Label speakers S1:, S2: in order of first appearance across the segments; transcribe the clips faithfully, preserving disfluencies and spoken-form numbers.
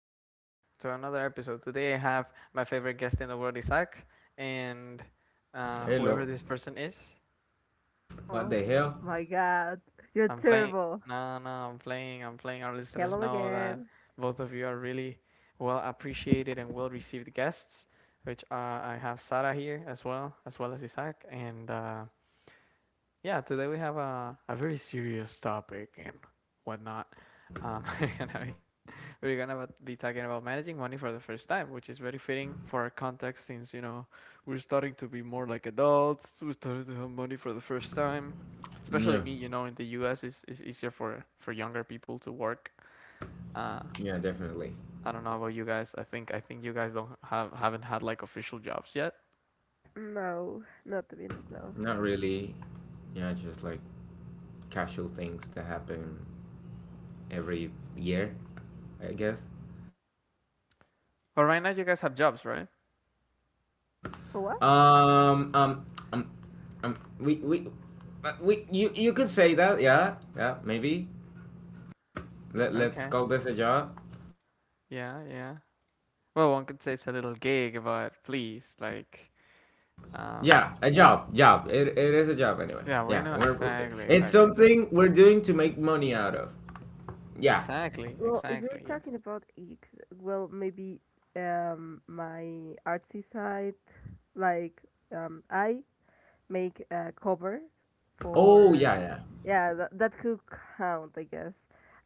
S1: welcome back to another episode. Today I have my favorite guest in the world, Isaac, and uh, whoever
S2: Hello.
S1: this person is.
S2: What
S3: Oh
S2: the hell?
S3: my god, you're
S1: I'm playing.
S3: terrible.
S1: No, no, I'm playing. I'm playing. Our listeners
S3: Hello
S1: know that
S3: again.
S1: both of you are really well appreciated and well received guests, which uh, I have Sarah here as well, as well as Isaac. And uh, yeah, today we have a, a very serious topic and whatnot. Um, you know, we're gonna be talking about managing money for the first time, which is very fitting for our context since you know we're starting to be more like adults. We're starting to have money for the first time, especially
S2: Yeah.
S1: me. You know, in the U S, it's, it's easier for for younger people to work. Uh,
S2: Yeah, definitely.
S1: I don't know about you guys. I think I think you guys don't have haven't had like official jobs yet.
S3: No, not the Venus, no.
S2: Not really. Yeah, just like casual things that happen every year, I guess.
S1: But right now, you guys have jobs, right?
S3: For what?
S2: Um, um, um, um we we uh, we you you could say that. Yeah, yeah, maybe. Let let's
S1: Okay.
S2: call this a job.
S1: Yeah, yeah. Well, one could say it's a little gig, but please, like, um,
S2: Yeah, a job, job. It, it is a job anyway.
S1: yeah, we
S2: Yeah,
S1: know
S2: we're, we're-
S1: exactly,
S2: it's
S1: exactly, the-
S2: something we're doing to make money out of. Yeah.
S1: exactly,
S3: Well, if
S1: exactly.
S3: we're
S1: Yeah.
S3: talking about eggs, well, maybe um my artsy side, like um I make a cover
S2: Oh,
S3: for
S2: yeah, yeah.
S3: yeah that that could count, I guess.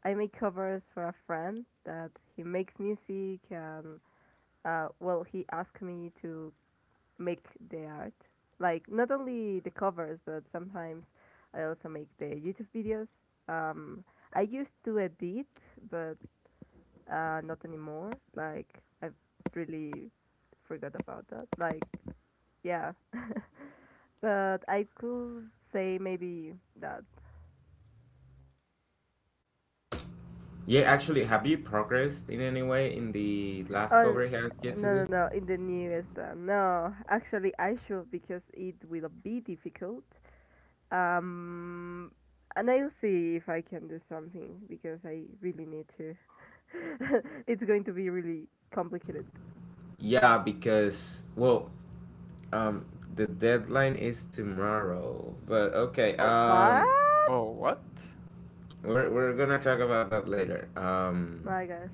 S3: I make covers for a friend that he makes music and uh well he asked me to make the art. Like not only the covers, but sometimes I also make the YouTube videos. Um, I used to edit, but uh, not anymore. Like I've really forgot about that. Like yeah, but I could say maybe that.
S2: Yeah, actually, have you progressed in any way in the last
S3: Oh
S2: cover he asked you to
S3: no no
S2: do?
S3: no! In the newest one, no. Actually, I should because it will be difficult. Um, and I'll see if I can do something because I really need to. It's going to be really complicated.
S2: Yeah, because, well, um, the deadline is tomorrow. But okay,
S1: Oh,
S3: What?
S2: um,
S1: oh, what?
S2: we're we're gonna talk about that later. Um,
S3: My gosh.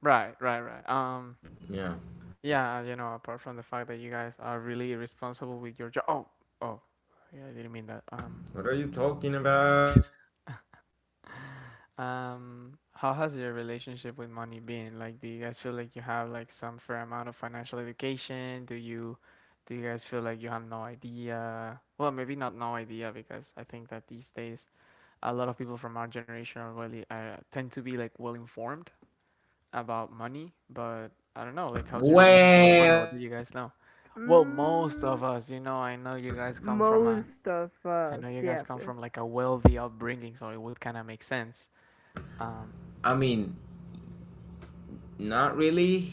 S1: Right, right, right. Um,
S2: Yeah,
S1: yeah, you know, apart from the fact that you guys are really responsible with your job. Oh, oh, yeah, I didn't mean that. Um,
S2: what are you talking about?
S1: um, how has your relationship with money been? Like, do you guys feel like you have like some fair amount of financial education? Do you, do you guys feel like you have no idea? Well, maybe not no idea because I think that these days a lot of people from our generation are really uh, tend to be like well informed about money, but I don't know, like how's your relationship with
S2: Well,
S1: money? What do you guys know? Well, most of
S3: Mm,
S1: us, you know, I know you guys come from a,
S3: most of
S1: I
S3: us,
S1: know you guys
S3: yeah, of
S1: come
S3: course.
S1: from like a wealthy upbringing, so it would kind of make sense. Um,
S2: I mean, not really.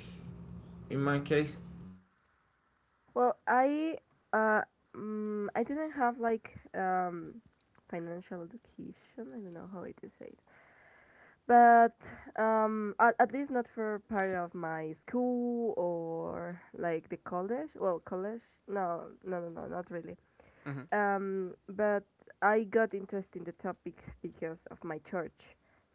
S2: In my case,
S3: Well, I uh, mm, I didn't have like um financial education. I don't know how it is said, but um at, at least not for part of my school or like the college, well college, no no no no not really.
S1: mhm.
S3: Um but I got interested in the topic because of my church,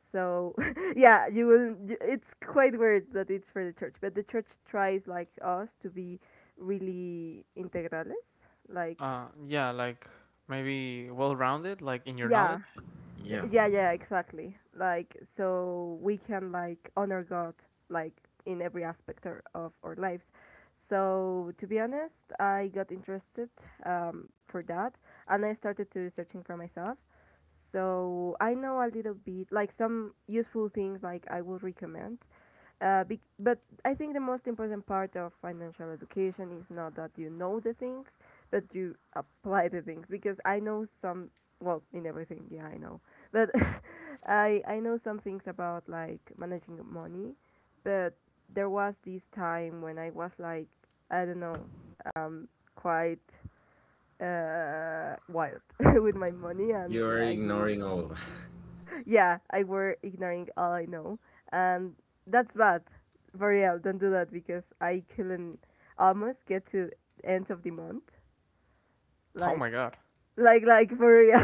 S3: so yeah you will y- it's quite weird that it's for the church, but the church tries like us to be really integrales, like
S1: Uh, yeah, like maybe well-rounded, like in your
S3: yeah
S1: knowledge.
S2: yeah,
S3: yeah, yeah, exactly. Like so we can like honor God like in every aspect or- of our lives. So to be honest, I got interested um, for that, and I started to searching for myself. So I know a little bit like some useful things like I would recommend uh, bec but I think the most important part of financial education is not that you know the things, but you apply the things. Because I know some, well, in everything, yeah, I know. But I I know some things about like managing money, but there was this time when I was like, I don't know, um, quite uh wild with my money, and
S2: you're
S3: I will
S2: ignoring all of that.
S3: yeah, I were ignoring all I know. And that's bad. For real, don't do that because I couldn't almost get to end of the month.
S1: Oh
S3: Like,
S1: my God.
S3: like, like for real.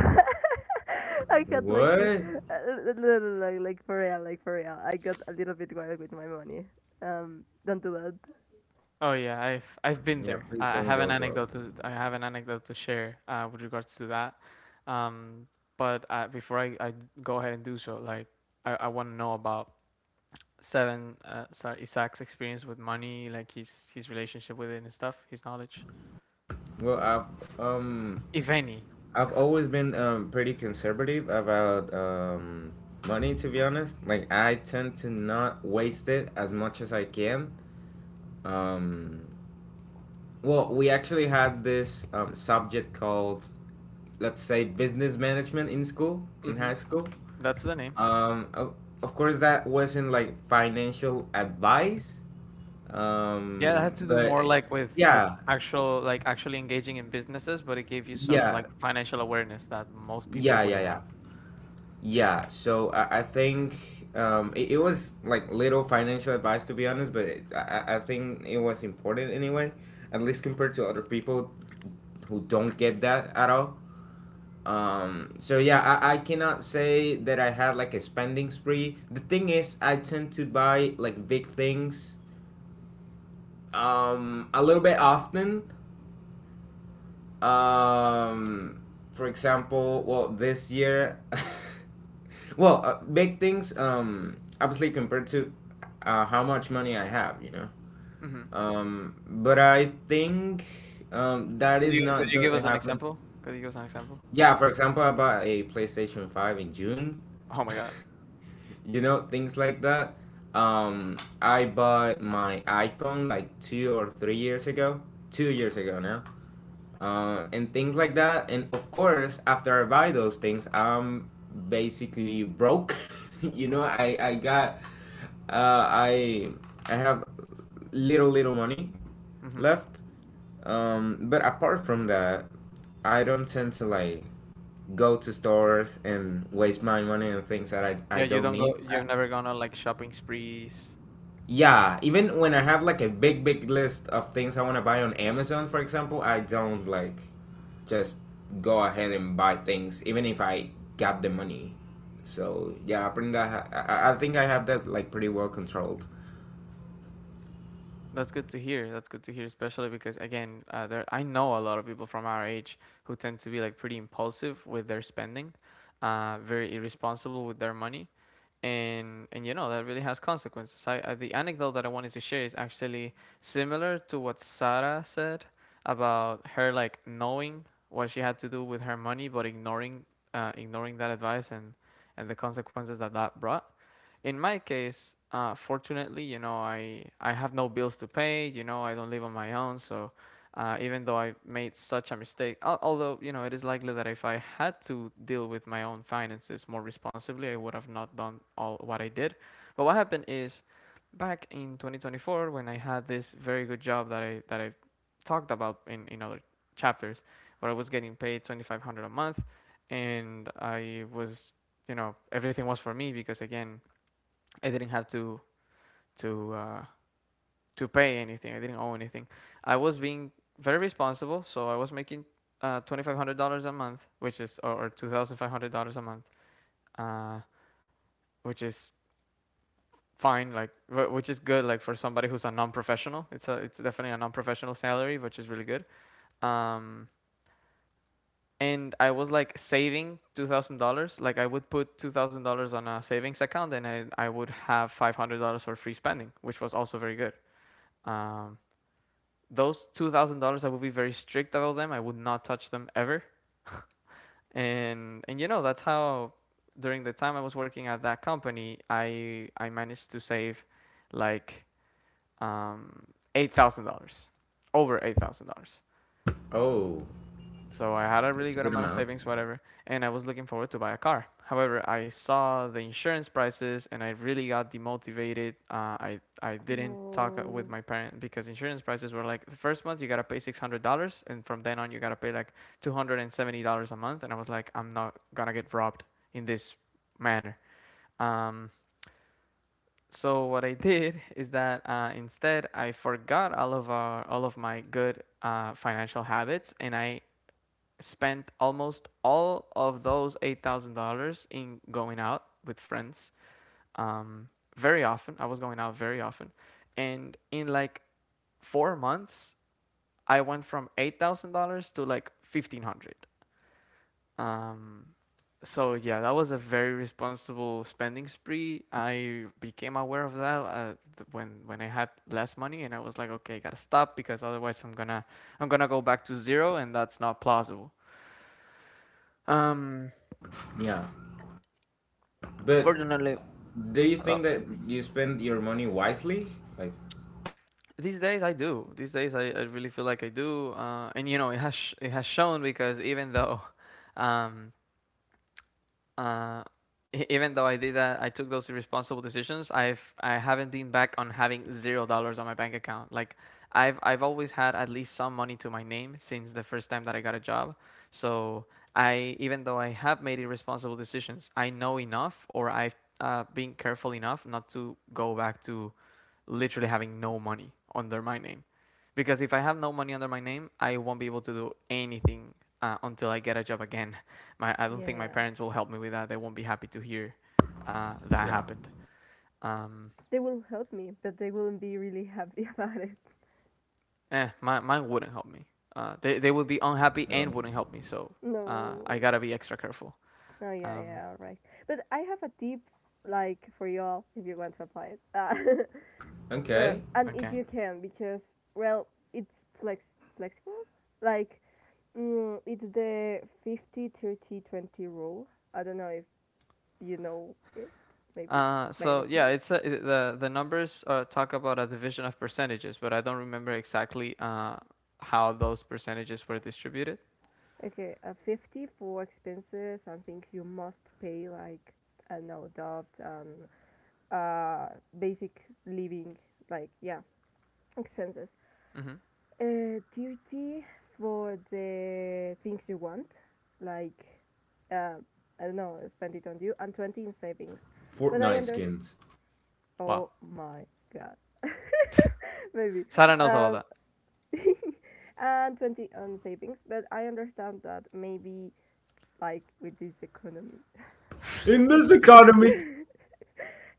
S3: I got like to,
S2: What?
S3: uh, no, no, no, like, like for real, like for real. I got a little bit wild with my money. Um, don't do that.
S1: Oh yeah, I've I've been
S2: Yeah,
S1: there.
S2: please
S1: I, I
S2: don't
S1: have an
S2: go broke.
S1: anecdote to I have an anecdote to share uh, with regards to that. Um, but uh, before I, I go ahead and do so, like I, I want to know about seven uh, sorry Isak's experience with money, like his his relationship with it and stuff, his knowledge,
S2: Well, I've um
S1: if any.
S2: I've always been um, pretty conservative about um, money, to be honest. Like, I tend to not waste it as much as I can. Um, well, we actually had this um, subject called, let's say, business management in school, in
S1: Hmm.
S2: high school.
S1: That's the name.
S2: Um, of, of course, that wasn't like financial advice,
S1: Yeah, it had
S2: um,
S1: to do
S2: but
S1: more like with with
S2: yeah,
S1: actual like actually engaging in businesses, but it gave you some
S2: yeah,
S1: like financial awareness that most people
S2: yeah, yeah,
S1: wouldn't
S2: yeah.
S1: have.
S2: Yeah, so I, I think um, it, it was like little financial advice, to be honest, but it, I, I think it was important anyway, at least compared to other people who don't get that at all. Um, so yeah, I, I cannot say that I had like a spending spree. The thing is, I tend to buy like big things, um, a little bit often. um for example, well, this year, well, uh, big things, um obviously compared to, uh, how much money I have, you know.
S1: Hmm.
S2: Um but I think um that
S1: Could
S2: is
S1: you could
S2: not
S1: you
S2: going
S1: give
S2: to
S1: us an
S2: happen.
S1: example? Could you give us an example?
S2: Yeah, for example, I bought a playstation five in june.
S1: Oh my God.
S2: You know, things like that. um I bought my iphone like two or three years ago. Two years ago now. Uh, and things like that. And of course, after I buy those things, I'm basically broke. You know, I I got, uh, I I have little little money
S1: Hmm.
S2: left. Um, but apart from that, I don't tend to like go to stores and waste my money on things that I, I
S1: Yeah, you
S2: don't
S1: don't
S2: need.
S1: go.
S2: I,
S1: You've never gone on like shopping sprees.
S2: yeah, even when I have like a big, big list of things I want to buy on Amazon, for example, I don't like just go ahead and buy things, even if I got the money. So yeah, I bring that. I, I I think I have that like pretty well controlled.
S1: That's good to hear. That's good to hear, especially because again, uh, there I know a lot of people from our age who tend to be like pretty impulsive with their spending, uh, very irresponsible with their money, and and you know that really has consequences. I, I the anecdote that I wanted to share is actually similar to what Sarah said about her like knowing what she had to do with her money, but ignoring uh, ignoring that advice and and the consequences that that brought. In my case, uh, fortunately, you know, I I have no bills to pay. You know, I don't live on my own, so uh, even though I made such a mistake. Al- Although, you know, it is likely that if I had to deal with my own finances more responsibly, I would have not done all what I did. But what happened is back in twenty twenty-four when I had this very good job that I that I talked about in, in other chapters where I was getting paid twenty-five hundred a month and I was you know everything was for me because again I didn't have to to uh, to pay anything. I didn't owe anything. I was being very responsible, so I was making uh, twenty five hundred dollars a month, which is or, or two thousand five hundred dollars a month, uh, which is fine, like wh- which is good, like for somebody who's a non professional. It's a it's definitely a non professional salary, which is really good. Um, and I was like saving two thousand dollars. Like I would put two thousand dollars on a savings account, and I I would have five hundred dollars for free spending, which was also very good. Um, those two thousand dollars, I would be very strict about them. I would not touch them ever. And and you know that's how during the time I was working at that company, I I managed to save like um, eight thousand dollars, over eight thousand dollars.
S2: Oh,
S1: So I had a really
S2: that's a
S1: good
S2: good
S1: amount of
S2: amount.
S1: savings, whatever, and I was looking forward to buy a car. However, I saw the insurance prices and I really got demotivated. Uh, I I didn't talk with
S3: No.
S1: my parents because insurance prices were like the first month you gotta pay six hundred dollars, and from then on you gotta pay like two hundred and seventy dollars a month. And I was like, I'm not gonna get robbed in this manner. Um, so what I did is that uh, instead I forgot all of our, all of my good uh, financial habits and I spent almost all of those eight thousand dollars in going out with friends. Um, very often, I was going out very often, and in like four months, I went from eight thousand dollars to like fifteen hundred dollars. Um, so yeah, that was a very responsible spending spree. I became aware of that uh, th- when when I had less money, and I was like, okay, gotta stop because otherwise I'm gonna I'm gonna go back to zero, and that's not plausible. Um,
S2: Yeah, but
S1: fortunately,
S2: do you
S1: Lo-
S2: think that you spend your money wisely? Like,
S1: these days I do. These days I, I really feel like I do. Uh, and you know, it has sh- it has shown because even though um uh e- even though I did that, I took those irresponsible decisions. I've I haven't been back on having zero dollars on my bank account. Like I've I've always had at least some money to my name since the first time that I got a job. So I even though I have made irresponsible decisions, I know enough or I've uh, been careful enough not to go back to literally having no money under my name. Because if I have no money under my name, I won't be able to do anything uh, until I get a job again. My, I don't think my
S3: Yeah.
S1: parents will help me with that. They won't be happy to hear uh, that
S2: yeah.
S1: happened. Um,
S3: They will help me, but they wouldn't be really happy about it.
S1: eh, my, mine wouldn't help me. Uh, they, they would be unhappy and
S2: No.
S1: wouldn't help me. So uh, I
S3: No.
S1: gotta be extra careful.
S3: Oh yeah,
S1: Um,
S3: yeah, right. But I have a tip like for y'all if you want to apply it, uh, the-
S2: Okay.
S3: and if
S1: okay.
S3: you can because well, it's flex flexible. Like mm, it's the fifty thirty twenty rule. I don't know if you know it, maybe
S1: Uh,
S3: by
S1: so
S3: any
S1: yeah,
S3: chance.
S1: it's a, it, the the numbers uh, talk about a division of percentages, but I don't remember exactly uh, how those percentages were distributed.
S3: Okay, uh, fifty for expenses and things you must pay, like I don't know, debt and uh, basic living, like yeah, expenses.
S1: Mm-hmm.
S3: Uh, duty for the things you want, like uh, I don't know, spend it on you, and twenty in savings. But I
S2: Fortnite
S3: understand.
S2: skins.
S1: Wow.
S3: Oh my god, maybe.
S1: Sarah knows about
S3: Um,
S1: that.
S3: and twenty on savings, but I understand that maybe like with this economy,
S2: In
S3: it
S2: this economy.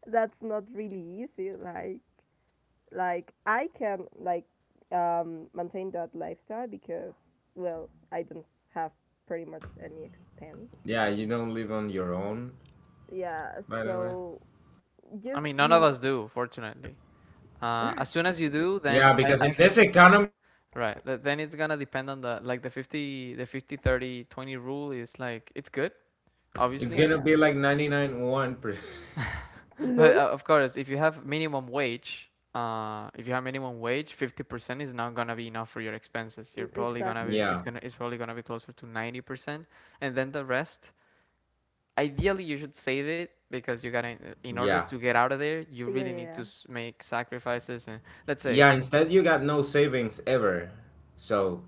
S3: that's not really easy. Like like I can like um, maintain that lifestyle because well I don't have pretty much any expense.
S2: Yeah, you don't live on your own,
S3: Yeah,
S2: by the way.
S3: so
S1: I mean,
S3: just
S1: none of
S3: mm,
S1: us do, fortunately. Uh, as soon as you
S3: little bit.
S1: do,
S2: Yeah,
S1: then I,
S2: because in
S1: I've
S2: this economy,
S1: right. th- Then it's gonna depend on the like the fifty, the fifty thirty twenty rule is like it's good,
S2: it's
S3: Yeah
S1: obviously.
S2: gonna
S3: yeah,
S2: be like ninety-nine point one percent.
S1: But
S3: lol.
S1: uh, of course, if you have minimum wage, uh, if you have minimum wage, fifty percent is not gonna be enough for your expenses. You're
S3: Mm,
S1: probably gonna
S3: exactly,
S1: be
S3: yeah.
S1: it's
S2: Yeah,
S1: gonna it's probably gonna be closer to ninety percent, and then the rest ideally you should save it because you gotta in order
S2: yeah.
S1: to get out of there you
S3: Yeah,
S1: really need to
S3: yeah.
S1: s- make sacrifices and let's say
S2: Yeah, instead you got no savings ever. So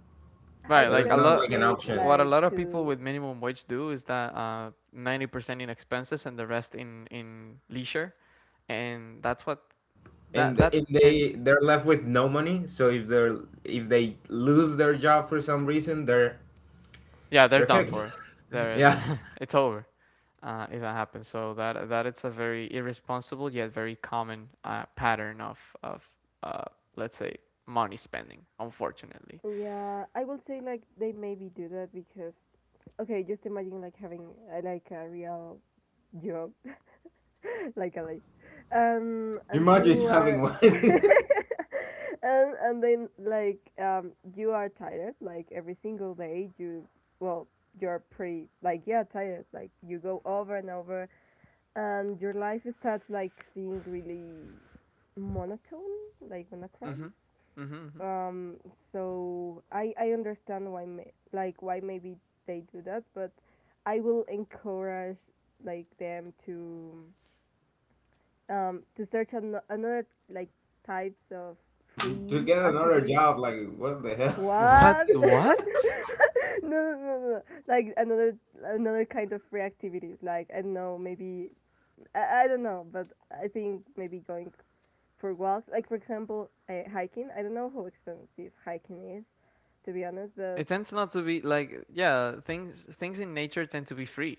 S3: I
S1: right
S3: was
S1: like
S2: there's
S1: a
S3: going
S2: not
S3: to
S2: like
S1: lot
S2: an
S3: say
S2: option.
S1: what a
S3: like
S1: lot of people
S3: to
S1: with minimum wage do is that uh ninety percent in expenses and the rest in in leisure and that's what that
S2: And if
S1: that
S2: they
S1: tends
S2: they're left with no money, so if they're if they lose their job for some reason, they're
S1: yeah they're
S2: they're
S1: done
S2: kicked.
S1: for they're
S2: Yeah.
S1: it's over uh, if that happens so that that it's a very irresponsible yet very common uh, pattern of of uh, let's say money spending unfortunately.
S3: yeah I will say like they maybe do that because okay just imagine like having uh, like a real job like a like um and
S2: Imagine
S3: you
S2: having
S3: are
S2: one
S3: and and then like um you are tired like every single day you well you're pretty like yeah tired like you go over and over and your life starts like seeing really monotone like
S1: Mm-hmm.
S3: monochrome
S1: Mm-hmm. Mm-hmm.
S3: um so i i understand why may, like why maybe they do that, but I will encourage like them to um, to search an- another like types of
S2: to
S3: free
S2: get another
S3: activities.
S2: job, like what the hell?
S1: What?
S3: What? No,
S1: What?
S3: no, no, no. Like another another kind of free activities. Like I don't know, maybe I, I don't know, but I think maybe going for walks. Like for example, uh, hiking. I don't know how expensive hiking is, to be honest, but
S1: It tends not to be like yeah, things things in nature tend to be free.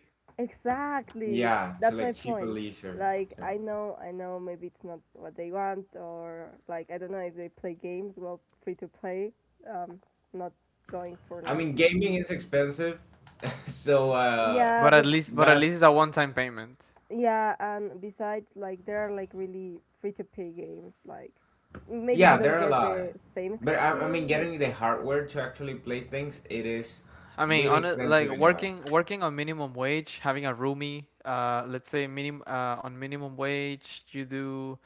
S3: exactly.
S2: Yeah, to
S3: That's my
S2: like cheaper
S3: point.
S2: leisure.
S3: Like
S2: Yeah.
S3: I know, I know maybe it's not what they want or like I don't know if they play games, well, free to play. Um, not going for
S2: I
S3: like
S2: mean, gaming
S3: really
S2: is expensive, so, uh,
S3: yeah,
S1: But at
S3: but
S1: least but at
S2: that's
S1: least it's a one-time payment.
S3: yeah, and besides like there are like really free to play games like maybe you
S2: yeah, there
S3: don't
S2: are a
S3: get
S2: lot.
S3: the same
S2: But, I, I mean,
S3: experience
S2: getting the
S3: but, uh,
S2: hardware to actually play things, it is
S1: I mean,
S2: really
S1: on a, like
S2: expensive anyway.
S1: working working on minimum wage, having a roomie, uh, let's say minim uh, on minimum wage, you do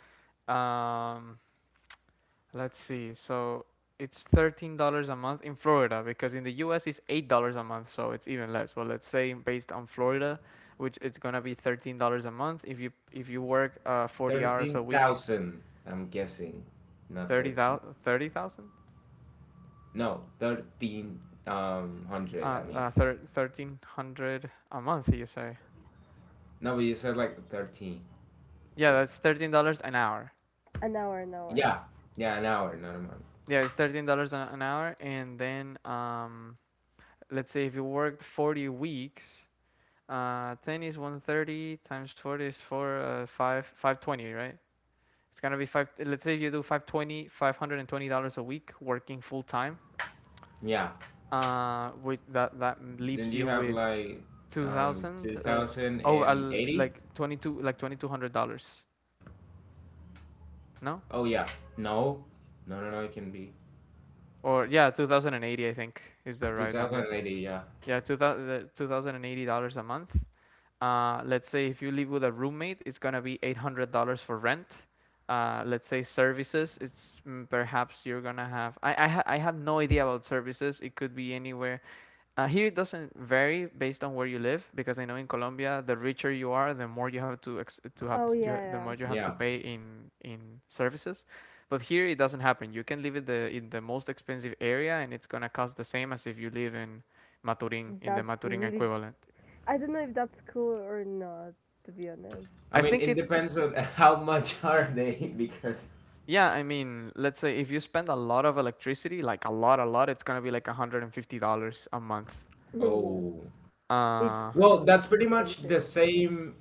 S1: um let's see. So it's thirteen dollars a month in Florida because in the U S it's eight dollars a month, so it's even less. Well, let's say based on Florida, which it's gonna be thirteen dollars a month if you if you work uh, forty hours
S2: Thirteen
S1: a week,
S2: thousand, I'm guessing, not
S1: thirty
S2: thirteen.
S1: thousand, thirty thousand,
S2: No, thirteen um
S1: uh,
S2: hundred. I mean,
S1: uh thir- thirteen hundred a month. You say,
S2: no, but you said like thirteen.
S1: yeah,
S2: Just
S1: that's thirteen dollars an hour.
S3: an hour an hour.
S2: yeah, yeah, an hour, not a month.
S1: Yeah, it's thirteen dollars an an hour, and then um, let's say if you worked forty weeks. Uh, ten is one hundred thirty times forty is four, uh, five, five hundred twenty, right? It's gonna be five let's say you do five twenty, five hundred twenty dollars a week working full time.
S2: Yeah.
S1: Uh, with that, that
S2: Then
S1: leaves
S2: you
S1: you
S2: have
S1: with
S2: like um
S1: two thousand,
S2: two
S1: uh,
S2: thousand
S1: oh, I
S2: and eighty.
S1: like twenty two, like twenty two hundred dollars no?
S2: Oh, yeah. No. No, no, no, it can be.
S1: Or yeah, two thousand eighty, I think is the right number.
S2: twenty eighty, yeah.
S1: Yeah, two thousand, two thousand eighty dollars a month. Uh, let's say if you live with a roommate, it's gonna be eight hundred dollars for rent. Uh, let's say services, it's mm, perhaps you're gonna have. I I, ha- I had no idea about services. It could be anywhere. Uh, here it doesn't vary based on where you live, because I know in Colombia, the richer you are, the more you have to ex- to have to,
S3: Oh
S1: you
S3: yeah,
S1: the
S3: yeah.
S1: more you have to
S2: Yeah.
S1: pay in in services. But here it doesn't happen. You can live in the in the most expensive area, and it's gonna cost the same as if you live in Maturin, in the
S3: That's
S1: Maturin
S3: really
S1: equivalent.
S3: I don't know if that's cool or not to be honest.
S1: I
S2: I mean,
S1: think
S2: it
S1: it
S2: depends on how much are they because.
S1: Yeah, I mean, let's say if you spend a lot of electricity, like a lot, a lot, it's gonna be like one hundred fifty dollars a month.
S3: Wh-
S2: Oh.
S1: Uh,
S3: It's a
S2: Well,
S3: little bit
S2: that's pretty much the
S3: expensive.
S2: same,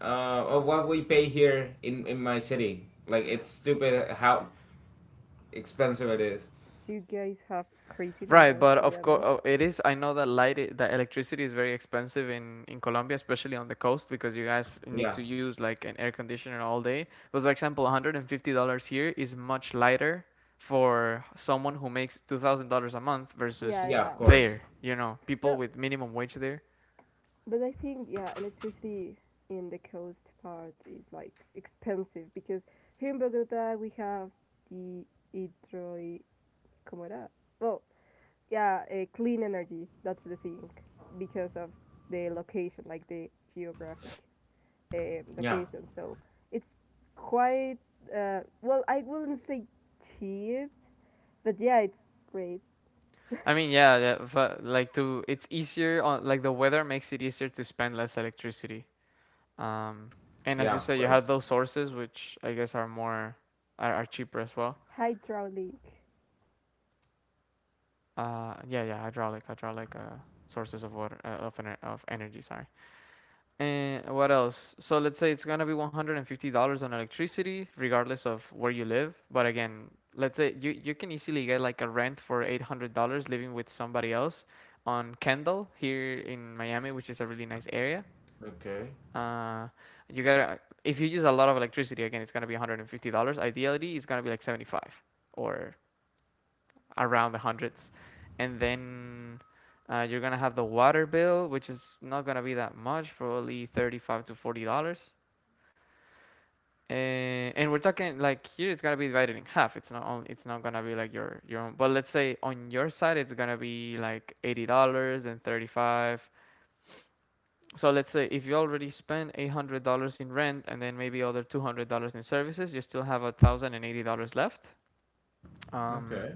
S2: uh of what we pay here in in my city. Like it's stupid how expensive it is.
S3: You guys have crazy
S1: right,
S3: numbers,
S1: but
S3: to be
S1: of course,
S3: honest.
S1: oh, it is. I know that light, i- that electricity is very expensive in in Colombia, especially on the coast, because you guys need
S2: Yeah.
S1: to use like an air conditioner all day. But for example, one hundred fifty dollars here is much lighter for someone who makes two thousand dollars a month
S3: Yeah,
S1: versus
S2: Yeah,
S3: yeah.
S2: of course.
S1: there, you know, people
S3: No,
S1: with minimum wage there.
S3: but I think, yeah, electricity in the coast part is like expensive because here in Bogota we have the hydro. ¿Cómo era? Well, yeah, uh, clean energy. That's the thing because of the location, like the geographic um
S2: Yeah.
S3: location. So it's quite, uh, well, I wouldn't say cheap, but yeah, it's great.
S1: I mean, yeah, yeah, but like to it's easier on, like, the weather makes it easier to spend less electricity. Um, and as
S2: Yeah,
S1: you
S2: of
S1: said, you have
S2: course.
S1: those sources, which I guess are more are, are cheaper as well.
S3: Hydraulic.
S1: Uh, yeah, yeah, hydraulic, hydraulic uh, sources of water, uh, of ener- of energy. Sorry. And what else? So let's say it's gonna be one hundred and fifty dollars on electricity, regardless of where you live. But again, let's say you you can easily get like a rent for eight hundred dollars living with somebody else on Kendall here in Miami, which is a really nice area.
S2: Okay.
S1: Uh, you gotta If you use a lot of electricity, again, it's gonna be one hundred and fifty dollars. Ideally, it's gonna be like seventy five, or around the hundreds, and then. Uh, you're gonna have the water bill, which is not gonna be that much, probably thirty-five to forty dollars. Uh, and we're talking like here it's gonna be divided in half. It's not only it's not gonna be like your your own. But let's say on your side it's gonna be like eighty dollars and thirty five. So let's say if you already spend eight hundred dollars in rent and then maybe other two hundred dollars in services, you still have a thousand and eighty dollars left. Um,
S2: Okay.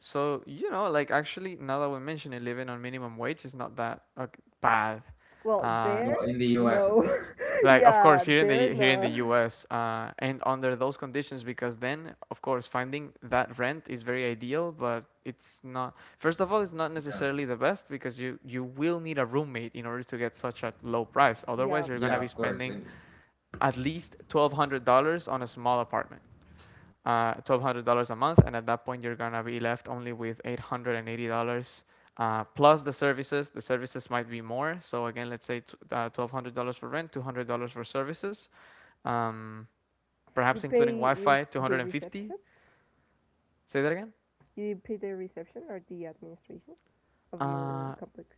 S1: so, you know like, actually, now that we mention it, living on minimum wage is not that uh, bad.
S3: Well,
S1: Uh,
S3: there?
S2: Well, in the U S, of
S3: No.
S2: course. Yeah.
S1: like, of
S3: Yeah,
S1: course, here in
S3: there,
S1: the here in the
S3: no.
S1: U S, uh, and under those conditions, because then of course finding that rent is very ideal, but it's not first of all it's not
S2: Yeah.
S1: necessarily the best, because you you will need a roommate in order to get such a low price.
S3: Yeah,
S1: Otherwise
S3: of
S1: you're going to
S2: Yeah,
S3: course.
S1: be
S2: of course.
S1: spending
S2: In
S1: at least twelve hundred dollars on a small apartment, uh, twelve hundred dollars a month, and at that point you're going to be left only with eight hundred eighty dollars, uh, plus the services. The services might be more. So again, let's say t- uh, twelve hundred dollars for rent, two hundred dollars for services, um,
S3: You
S1: perhaps including
S3: pay re-
S1: Wi-Fi,
S3: the
S1: two hundred fifty.
S3: reception?
S1: Say that again.
S3: You pay the reception or the administration of your
S1: Uh,
S3: complex.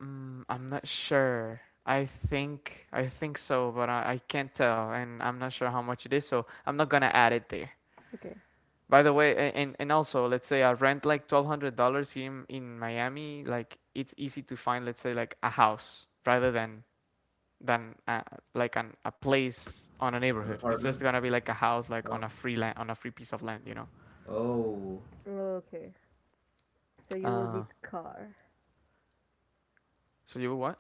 S1: mm, I'm not sure. I think I think so, but I, I can't tell, and I'm not sure how much it is, so I'm not gonna add it there.
S3: Okay.
S1: By the way, and and also, let's say I rent like twelve hundred dollars here in, in Miami. Like, it's easy to find, let's say, like a house rather than than uh, like an a place on a
S2: an
S1: neighborhood. It's just
S2: apartment.
S1: gonna be like a house, like
S2: Oh.
S1: on a free land, on a free piece of land, you know.
S2: Oh.
S3: Okay. So you will
S1: Uh,
S3: need car.
S1: so you what?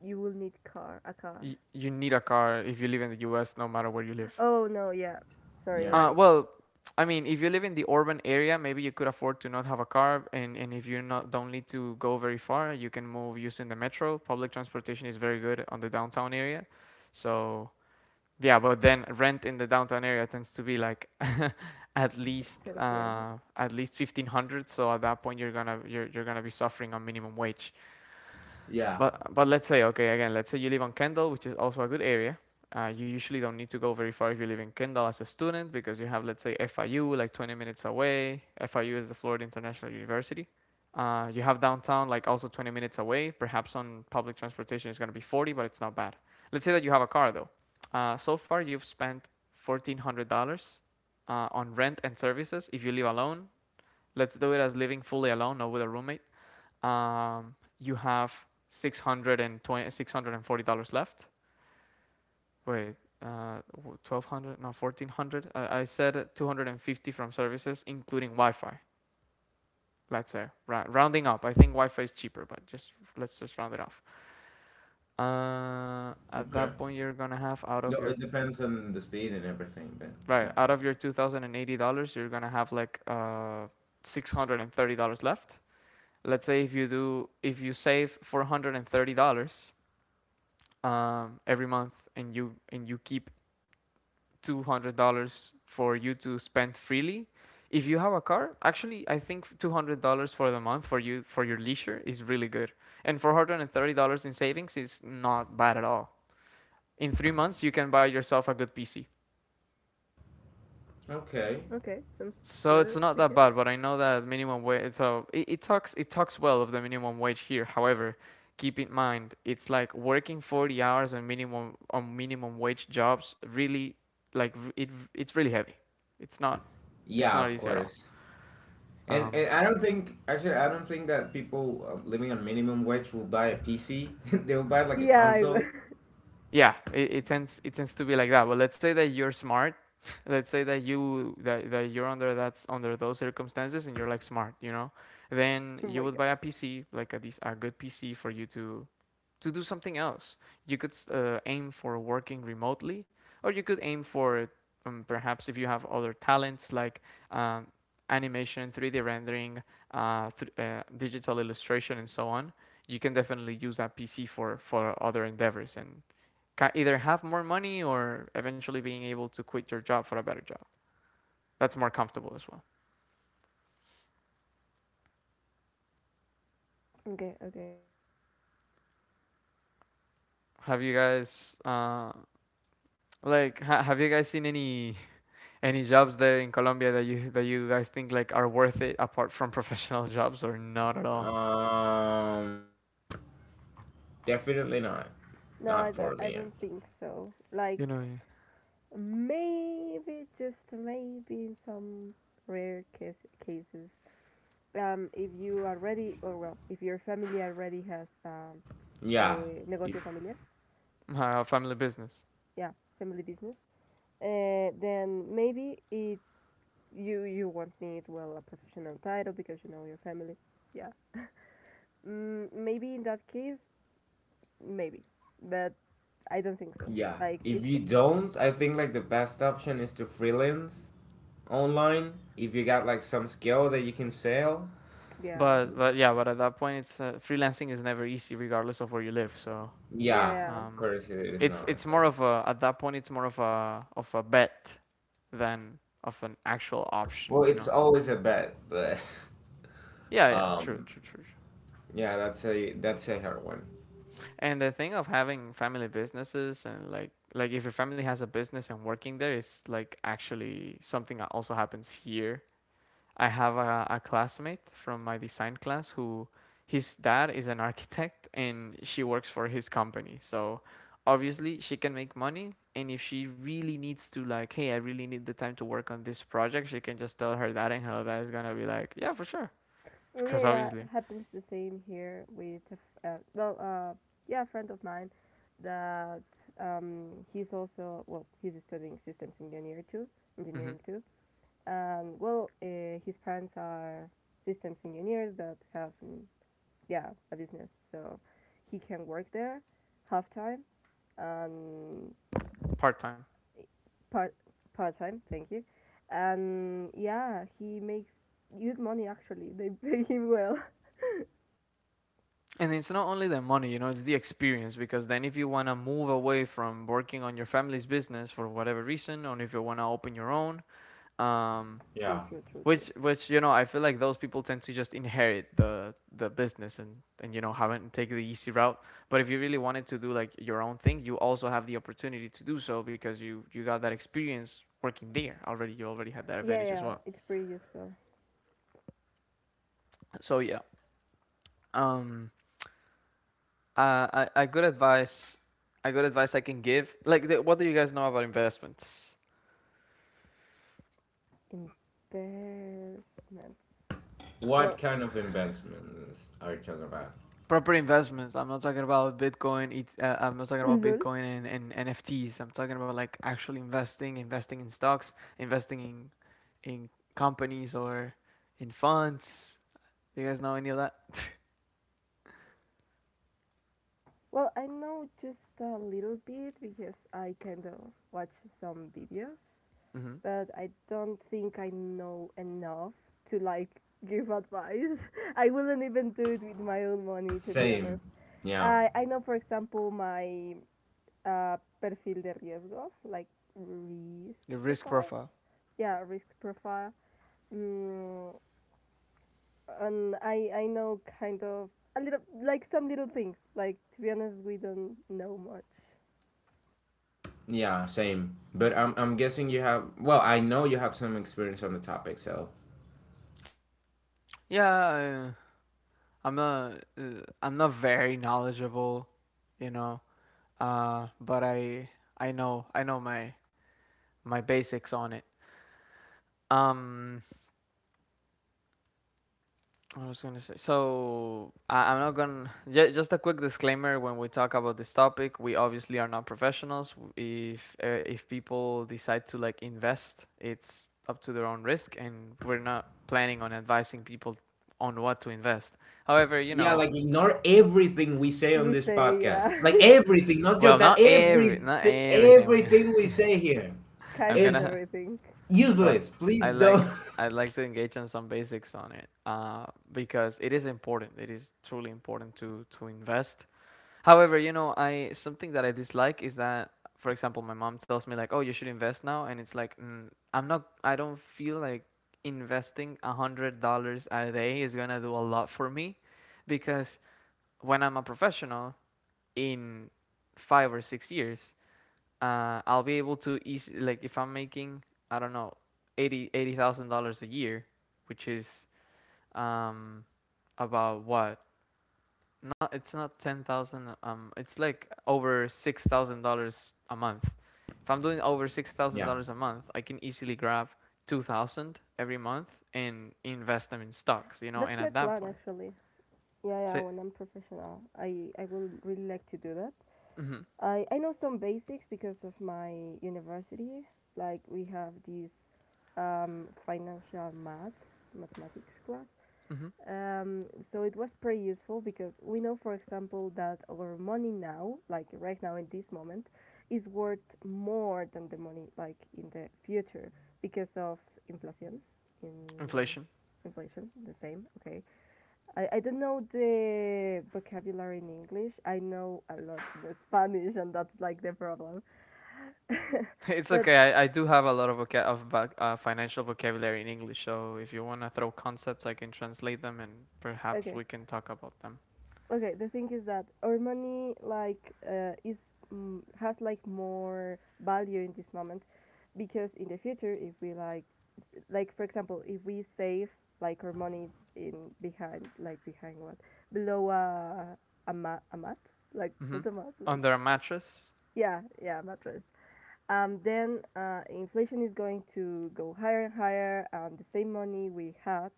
S3: You will need car. A car.
S1: y- You need a car if you live in the U S, no matter where you live.
S3: Oh, no, yeah. Sorry,
S2: Yeah.
S1: Uh,
S3: right.
S1: well, I mean, if you live in the urban area, maybe you could afford to not have a car, and, and if you not don't need to go very far, you can move using the metro. Public transportation is very good on the downtown area, so yeah. But then rent in the downtown area tends to be like, at least,
S3: Expensive.
S1: uh, at least fifteen hundred. So at that point, you're gonna you're, you're gonna be suffering on minimum wage.
S2: Yeah.
S1: But but let's say, okay, again. Let's say you live on Kendall, which is also a good area. Uh, you usually don't need to go very far if you live in Kendall as a student, because you have, let's say, F I U, like twenty minutes away. F I U is the Florida International University. Uh, you have downtown like also twenty minutes away. Perhaps on public transportation it's going to be forty, but it's not bad. Let's say that you have a car though. Uh, so far you've spent fourteen hundred dollars, uh, on rent and services if you live alone. Let's do it as living fully alone, not with a roommate. Um, you have six hundred twenty six hundred forty dollars left. Wait, uh, twelve hundred? No, fourteen hundred. I, I said two hundred fifty from services, including Wi-Fi. Let's say Ra- rounding up. I think Wi-Fi is cheaper, but just let's just round it off. Uh, at
S2: Okay.
S1: that point, you're gonna have out of
S2: No,
S1: your
S2: it depends on the speed and everything, but
S1: right
S2: yeah.
S1: out of your two thousand eighty dollars, you're gonna have like uh six hundred thirty dollars left. Let's say if you do if you save four hundred thirty dollars, um, every month, and you and you keep two hundred dollars for you to spend freely. If you have a car, actually, I think two hundred dollars for the month for you for your leisure is really good, and four hundred and thirty dollars in savings is not bad at all. In three months, you can buy yourself a good P C.
S2: Okay.
S3: Okay, sounds
S1: So it's
S3: good,
S1: not
S3: I
S1: that
S3: guess.
S1: bad, but I know that minimum wage. So it, it talks it talks well of the minimum wage here. However, keep in mind it's like working forty hours on minimum on minimum wage jobs. Really, like it it's really heavy. It's not it's
S2: Yeah,
S1: not
S2: of
S1: easy at all.
S2: course. And
S1: Um,
S2: and I don't think, actually I don't think that people, um, living on minimum wage will buy a P C. They will buy like a
S3: Yeah, I w-
S2: console.
S1: yeah, it, it tends it tends to be like that. But let's say that you're smart. Let's say that you that, that you're under that's under those circumstances and you're like smart, you know, then
S3: oh
S1: you
S3: my
S1: would buy
S3: god.
S1: a P C like a dec- a good P C for you to to do something else. You could uh, aim for working remotely, or you could aim for, um, perhaps if you have other talents like, um, animation, three D rendering, uh, th- uh, digital illustration, and so on. You can definitely use that P C for for other endeavors, and ca- either have more money or eventually being able to quit your job for a better job. That's more comfortable as well.
S3: Okay, okay.
S1: Have you guys uh, Like, ha- have you guys seen any Any jobs there in Colombia that you that you guys think like are worth it, apart from professional jobs, or not at all?
S2: Um, Definitely not.
S3: No, I
S2: Not
S3: don't,
S2: for
S3: I
S2: me.
S3: don't think so. Like,
S1: You know,
S3: maybe, just maybe in some rare case, cases. Um, if you already, or well, if your family already has um,
S2: Yeah.
S3: a
S2: If
S3: negocio familiar,
S1: yeah. Uh, family business.
S3: yeah, family business, uh, then maybe it you you won't need well a professional title because you know your family. Yeah, mm, maybe in that case, maybe, but I don't think so.
S2: Yeah,
S3: Like
S2: if
S3: it's
S2: you don't, I think like the best option is to freelance online. If you got like some skill that you can sell.
S3: yeah,
S1: But but yeah, but at that point, it's uh, freelancing is never easy regardless of where you live. So,
S3: yeah,
S2: Yeah,
S3: yeah.
S2: of
S1: um,
S2: course it is
S1: it's it's
S2: not.
S1: more
S2: But,
S1: of a— at that point, it's more of a of a bet than of an actual option.
S2: well,
S1: You
S2: it's
S1: know.
S2: always a bet, but
S1: Yeah, yeah, true,
S2: um,
S1: true, true.
S2: yeah, that's a that's a hard one.
S1: And the thing of having family businesses, and, like like if your family has a business and working there, is like actually something that also happens here. I have a, a classmate from my design class who— his dad is an architect and she works for his company. So obviously she can make money, and if she really needs to, like, hey, I really need the time to work on this project, she can just tell her dad, and her dad is gonna be like, yeah, for sure,
S3: Mm, yeah,
S1: because
S3: yeah,
S1: obviously.
S3: happens the same here with a f- uh, well, uh, yeah, a friend of mine that um, he's also well, he's studying systems engineer too,
S1: hmm
S3: engineering too, and well, uh, his parents are systems engineers that have mm, yeah a business, so he can work there half time and
S1: Part-time.
S3: part part time. Thank you, and yeah, he makes good money actually. They pay him well.
S1: And it's not only the money, you know, it's the experience, because then if you want to move away from working on your family's business for whatever reason, or if you want to open your own, um,
S3: True,
S2: Yeah.
S3: true, true,
S1: which
S3: true.
S1: which you know, I feel like those people tend to just inherit the the business, and and you know haven't take the easy route. But if you really wanted to do like your own thing, you also have the opportunity to do so because you you got that experience working there already. You already had that
S3: Yeah,
S1: advantage as
S3: yeah,
S1: well.
S3: it's pretty useful.
S1: So yeah, um, Uh, I, I good advice. I good advice I can give. Like, the, what do you guys know about investments?
S3: Investments.
S2: What
S3: Well,
S2: kind of investments are you talking about?
S1: Proper investments. I'm not talking about Bitcoin. It, uh, I'm not talking about
S3: lol.
S1: Bitcoin and, and N F Ts. I'm talking about like actually investing, investing in stocks, investing in in companies or in funds. Do you guys know any of that?
S3: Well, I know just a little bit because I kind of watch some videos,
S1: Mm-hmm.
S3: but I don't think I know enough to like give advice. I wouldn't even do it with my own money, to be
S2: Same.
S3: honest.
S2: Yeah.
S3: I I know, for example, my uh, perfil de riesgo, like risk
S1: Your risk
S3: profile.
S1: profile.
S3: Yeah, risk profile. Mm, and I I know kind of a little like some little things. Like to be honest, we don't know much.
S2: Yeah, same. But, I'm I'm guessing you have, well, I know you have some experience on the topic, so
S1: Yeah, uh, I'm not. Uh, I'm not very knowledgeable, you know. Uh, but I I know I know my my basics on it. Um, what was gonna say? So I, I'm not gonna. Ju- Just a quick disclaimer: when we talk about this topic, we obviously are not professionals. If uh, if people decide to like invest, it's up to their own risk, and we're not planning on advising people on what to invest. However, you
S2: yeah,
S1: know,
S2: like ignore everything we say on
S3: We
S2: this
S3: say
S2: podcast.
S3: yeah,
S2: Like everything, not
S1: well,
S2: just that.
S1: not every,
S2: Every
S1: not everything. I'm gonna,
S2: everything we say here
S1: I'm
S3: kind of
S2: is
S1: gonna
S3: everything.
S1: So
S2: useless. Please
S1: I
S2: don't.
S1: like I like to engage on some basics on it uh, because it is important. It is truly important to to invest. However, you know, I something that I dislike is that, for example, my mom tells me like, "Oh, you should invest now," and it's like, mm, I'm not. I don't feel like investing a hundred dollars a day is gonna do a lot for me, because when I'm a professional in five or six years, uh, I'll be able to easy like if I'm making I don't know eighty eighty thousand dollars a year, which is um about what not it's not ten thousand um it's like over six thousand dollars a month. If I'm doing over six thousand
S2: Yeah.
S1: dollars a month, I can easily grab two thousand every month and invest them in stocks, you know. And
S3: That's my
S1: at that
S3: plan
S1: point,
S3: actually. Yeah, yeah.
S1: say
S3: When I'm professional, I I will really like to do that.
S1: mm-hmm,
S3: I I know some basics because of my university. Like we have this um, financial math mathematics class.
S1: mm-hmm,
S3: Um, so it was pretty useful because we know, for example, that our money now, like right now in this moment, is worth more than the money like in the future because of inflation. In
S1: inflation,
S3: inflation, the same. Okay. I, I don't know the vocabulary in English. I know a lot in Spanish, and that's like the problem.
S1: it's
S3: but
S1: okay. I, I do have a lot of voca- of voc- uh, financial vocabulary in English, so if you want to throw concepts, I can translate them and perhaps
S3: okay.
S1: we can talk about them.
S3: Okay, the thing is that our money like uh, is mm, has like more value in this moment because in the future if we like like for example if we save like our money in behind like behind what below a a, ma- a mat like
S1: Hmm.
S3: not a mat like
S1: Under a mattress?
S3: yeah yeah mattress. Um then uh, inflation is going to go higher and higher and the same money we had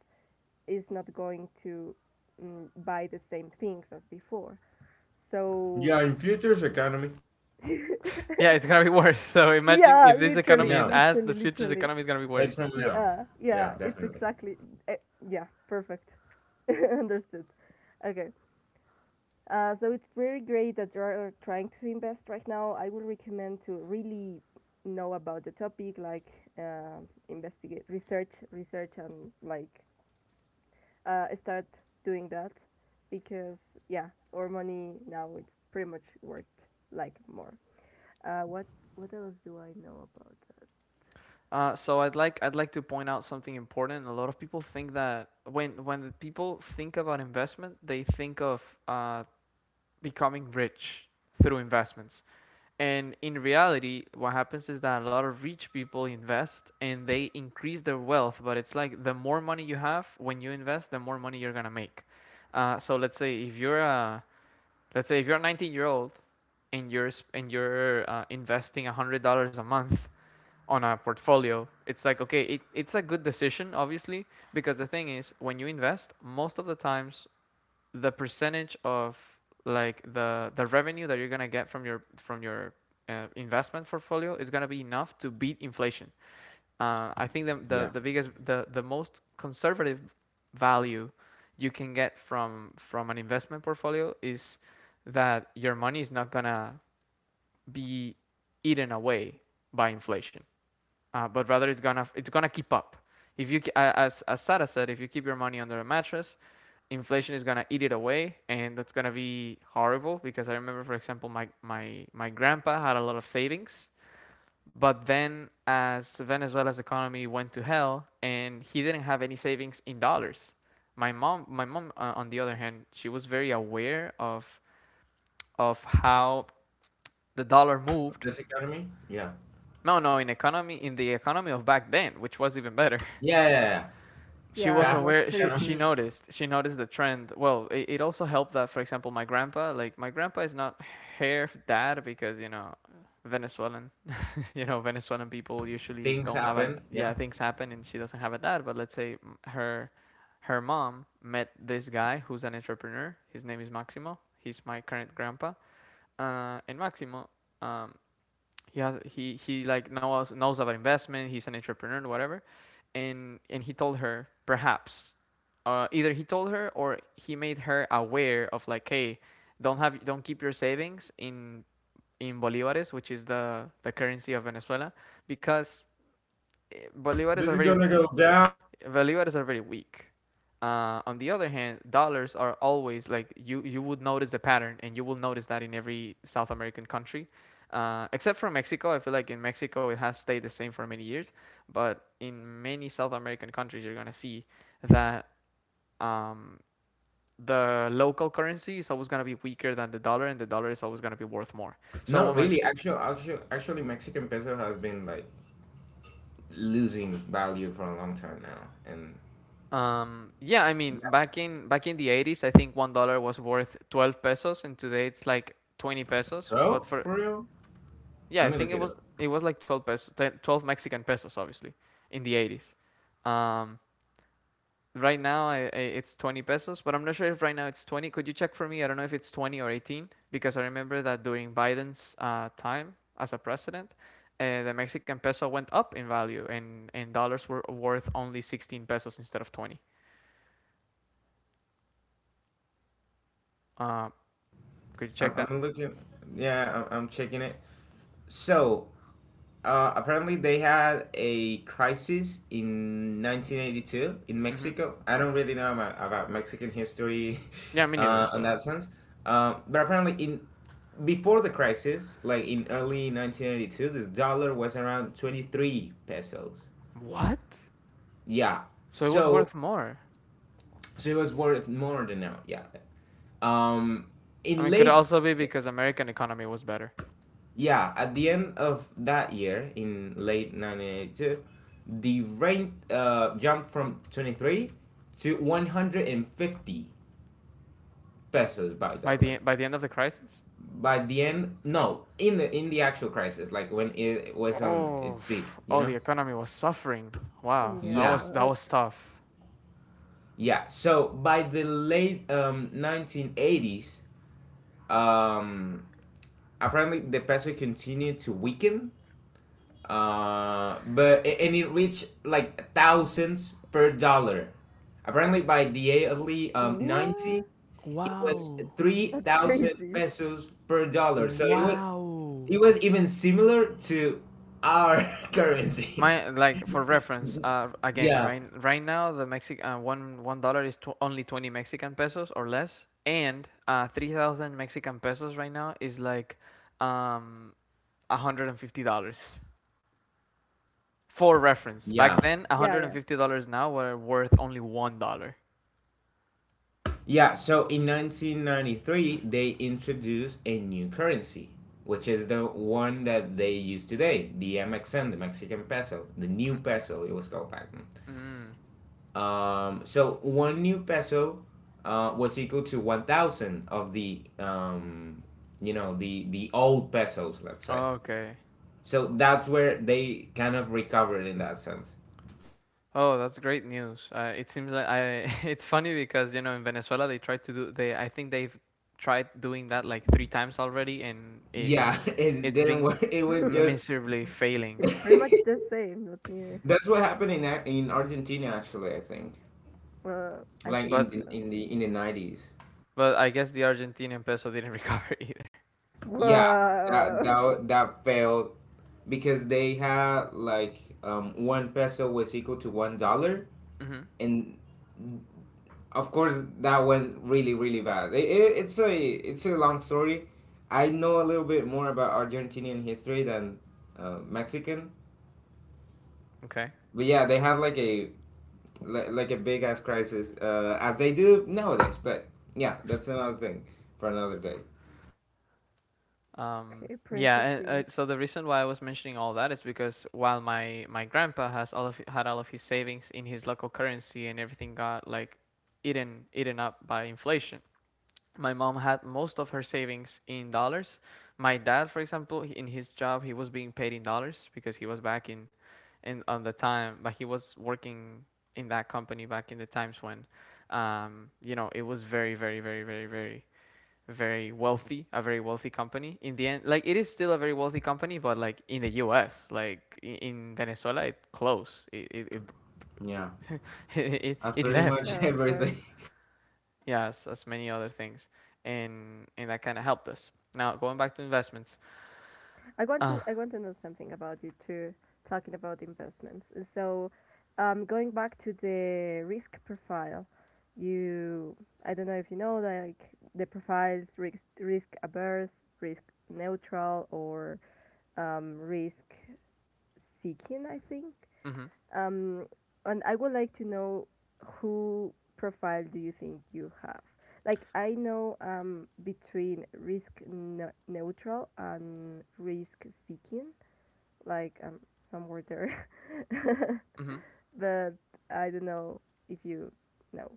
S3: is not going to mm, buy the same things as before, so
S2: Yeah, in futures economy.
S1: Yeah, it's gonna be worse. So imagine
S3: yeah,
S1: if this
S3: literally,
S1: economy is
S2: Yeah.
S1: as the
S3: literally,
S1: future's
S3: literally.
S1: economy is gonna be
S2: Save
S1: worse.
S2: some now.
S3: Yeah, yeah,
S2: Yeah,
S3: it's
S2: definitely.
S3: exactly. eh, yeah, perfect. Understood. Okay. Uh, so it's very great that you are trying to invest right now. I would recommend to really know about the topic, like uh, investigate, research, research, and like uh, start doing that because yeah, our money now it's pretty much worth like more. Uh, what what else do I know about that?
S1: Uh, so I'd like I'd like to point out something important. A lot of people think that when when the people think about investment, they think of uh, becoming rich through investments. And in reality, what happens is that a lot of rich people invest and they increase their wealth. But it's like the more money you have when you invest, the more money you're gonna make. Uh, so let's say if you're a let's say if you're a nineteen year old and you're and you're uh, investing one hundred dollars a month on a portfolio, it's like okay, it, it's a good decision obviously because the thing is when you invest, most of the times the percentage of like the the revenue that you're gonna get from your from your uh, investment portfolio is gonna be enough to beat inflation. Uh, I think the,
S2: Yeah.
S1: the the biggest the the most conservative value you can get from from an investment portfolio is that your money is not gonna be eaten away by inflation, uh, but rather it's gonna it's gonna keep up. If you as as Sarah said, if you keep your money under a mattress, inflation is gonna eat it away, and that's gonna be horrible. Because I remember, for example, my my my grandpa had a lot of savings, but then as Venezuela's economy went to hell, and he didn't have any savings in dollars. My mom, my mom, uh, on the other hand, she was very aware of of how the dollar moved.
S2: This economy? Yeah.
S1: No, no, in economy, in the economy of back then, which was even better.
S2: Yeah, yeah, yeah.
S1: She
S3: Yeah,
S1: was
S3: it
S2: Past
S3: was
S1: aware.
S3: pretty
S1: She
S2: economy.
S1: she
S3: good.
S1: noticed. She noticed the trend. Well, it, it also helped that, for example, my grandpa. Like my grandpa is not hair f- dad because you know Venezuelan. You know Venezuelan people usually
S2: Things
S1: don't have a
S2: happen. Yeah.
S1: yeah things happen and she doesn't have a dad. But let's say m- her her mom met this guy who's an entrepreneur. His name is Maximo. He's my current grandpa. Uh, and Maximo um, he has he he like knows knows about investment. He's an entrepreneur, whatever, and and he told her perhaps, uh, either he told her or he made her aware of like, hey, don't have don't keep your savings in in bolivares, which is the the currency of Venezuela, because eh, bolivares
S2: This
S1: are
S2: is
S1: very
S2: gonna go down.
S1: Bolivares are very weak. Uh, on the other hand, dollars are always like you, you would notice the pattern, and you will notice that in every South American country, uh, except for Mexico. I feel like in Mexico it has stayed the same for many years, but in many South American countries, you're gonna see that um, the local currency is always gonna be weaker than the dollar, and the dollar is always gonna be worth more. So
S2: Not
S1: when my
S2: really. Actually, actually, actually, Mexican peso has been like losing value for a long time now. And
S1: Um, yeah, I mean,
S2: yeah.
S1: back in back in the eighties, I think one dollar was worth twelve pesos, and today it's like twenty pesos. But
S2: twelve?
S1: for
S2: For real?
S1: yeah,
S2: Let
S1: I
S2: me
S1: think
S2: look
S1: it
S2: it
S1: was
S2: up.
S1: it was like twelve pesos, twelve Mexican pesos, obviously, in the eighties. Um, right now, I, I, it's twenty pesos, but I'm not sure if right now it's twenty. Could you check for me? I don't know if it's twenty or eighteen because I remember that during Biden's uh, time as a president, uh, the Mexican peso went up in value, and and dollars were worth only sixteen pesos instead of twenty. Uh, could you check
S2: I'm,
S1: that?
S2: I'm looking. Yeah, I'm, I'm checking it. So, Uh, apparently, they had a crisis in nineteen eighty-two in
S1: Hmm.
S2: Mexico. I don't really know about, about Mexican history,
S1: Yeah, me neither.
S2: uh, in that
S1: So
S2: sense, uh, but apparently, in before the crisis, like in early nineteen eighty-two, the dollar was around twenty-three pesos.
S1: what?
S2: Yeah,
S1: So it was
S2: so
S1: worth more.
S2: so it was worth more than now. Yeah, um,
S1: I
S2: in
S1: mean, could
S2: late
S1: also be because American economy was better
S2: Yeah, at the end of that year, in late nineteen eighty-two, the rate, uh, jumped from twenty-three to one hundred fifty pesos by
S1: by
S2: dollar.
S1: the by the end of the crisis.
S2: By the end, no, in the in the actual crisis, like when it was on
S1: Oh,
S2: its peak, you
S1: oh,
S2: know.
S1: the economy was suffering. Wow, that
S3: Yeah, a
S2: Yeah,
S1: was that
S3: lot.
S1: was tough.
S2: yeah. So by the late, um, nineteen eighties, um, apparently the peso continued to weaken, uh, but and it reached like thousands per dollar. Apparently, by the early, um, ninety,
S3: What?
S2: it was
S1: Wow.
S3: That's
S2: three thousand
S3: crazy.
S2: pesos per dollar. So it was
S1: Wow.
S2: it was even similar to our currency.
S1: My like for reference, uh, again,
S2: Yeah,
S1: right right now the Mexican uh, one one dollar is tw- only twenty Mexican pesos or less, and uh, three thousand Mexican pesos right now is like um a hundred and fifty dollars. For reference,
S2: yeah,
S1: back then,
S3: Yeah,
S1: one hundred fifty dollars now were worth only one dollar.
S2: yeah. So in nineteen ninety-three, they introduced a new currency, which is the one that they use today, the M X N, the Mexican peso, the new peso. It was called back then.
S1: Mm.
S2: Um, so one new peso, uh, was equal to one thousand of the, um, you know the the old pesos, let's say.
S1: Okay.
S2: So that's where they kind of recovered in that sense.
S1: Oh, that's great news. Uh, it seems like I. It's funny because you know in Venezuela they tried to do they. I think they've tried doing that like three times already, and it,
S2: Yeah,
S1: it's
S2: it
S1: it's
S2: didn't
S1: been
S2: work. It was
S3: yeah.
S2: just
S1: miserably failing.
S3: It's pretty much the same, not near.
S2: That's what happened in Ar- in Argentina, actually. I think
S3: Well, I
S2: like
S3: think
S2: in
S1: But
S2: the,
S3: so.
S2: in the in the nineties.
S1: but I guess the Argentinian peso didn't recover either.
S2: Yeah, that
S3: Wow.
S2: that that failed because they had like, um, one peso was equal to one dollar,
S1: Hmm.
S2: and of course that went really, really bad. it, it, it's a it's a long story. I know a little bit more about Argentinian history than, uh, Mexican.
S1: Okay.
S2: But yeah, they had like a li- like a big ass crisis, uh, as they do nowadays. But yeah, that's another thing for another day.
S1: Um,
S3: Okay, pretty
S1: yeah, and uh,
S3: interesting.
S1: so the reason why I was mentioning all that is because while my my grandpa has all of had all of his savings in his local currency and everything got like eaten eaten up by inflation. My mom had most of her savings in dollars. My dad, for example, he- in his job, he was being paid in dollars because he was back in, in on the time, but he was working in that company back in the times when, um, you know, it was very, very, very, very, very very wealthy, a very wealthy company. In the end, like it is still a very wealthy company, but like in the U S, like i- in Venezuela, it closed. It it
S2: Yeah,
S1: it, it,
S2: that's
S1: it
S2: pretty much
S1: left.
S3: Yeah, of course.
S2: everything.
S1: Yes, as, as many other things, and and that kind of helped us. Now going back to investments.
S3: I want
S1: Uh,
S3: to I want to know something about you too, talking about investments. So, um, going back to the risk profile, you I don't know if you know like the profiles risk risk averse, risk neutral, or um, risk seeking. I think.
S1: mm-hmm,
S3: Um, and I would like to know who profile do you think you have? Like I know um, between risk ne- neutral and risk seeking, like I'm somewhere there.
S1: mm-hmm.
S3: But I don't know if you know.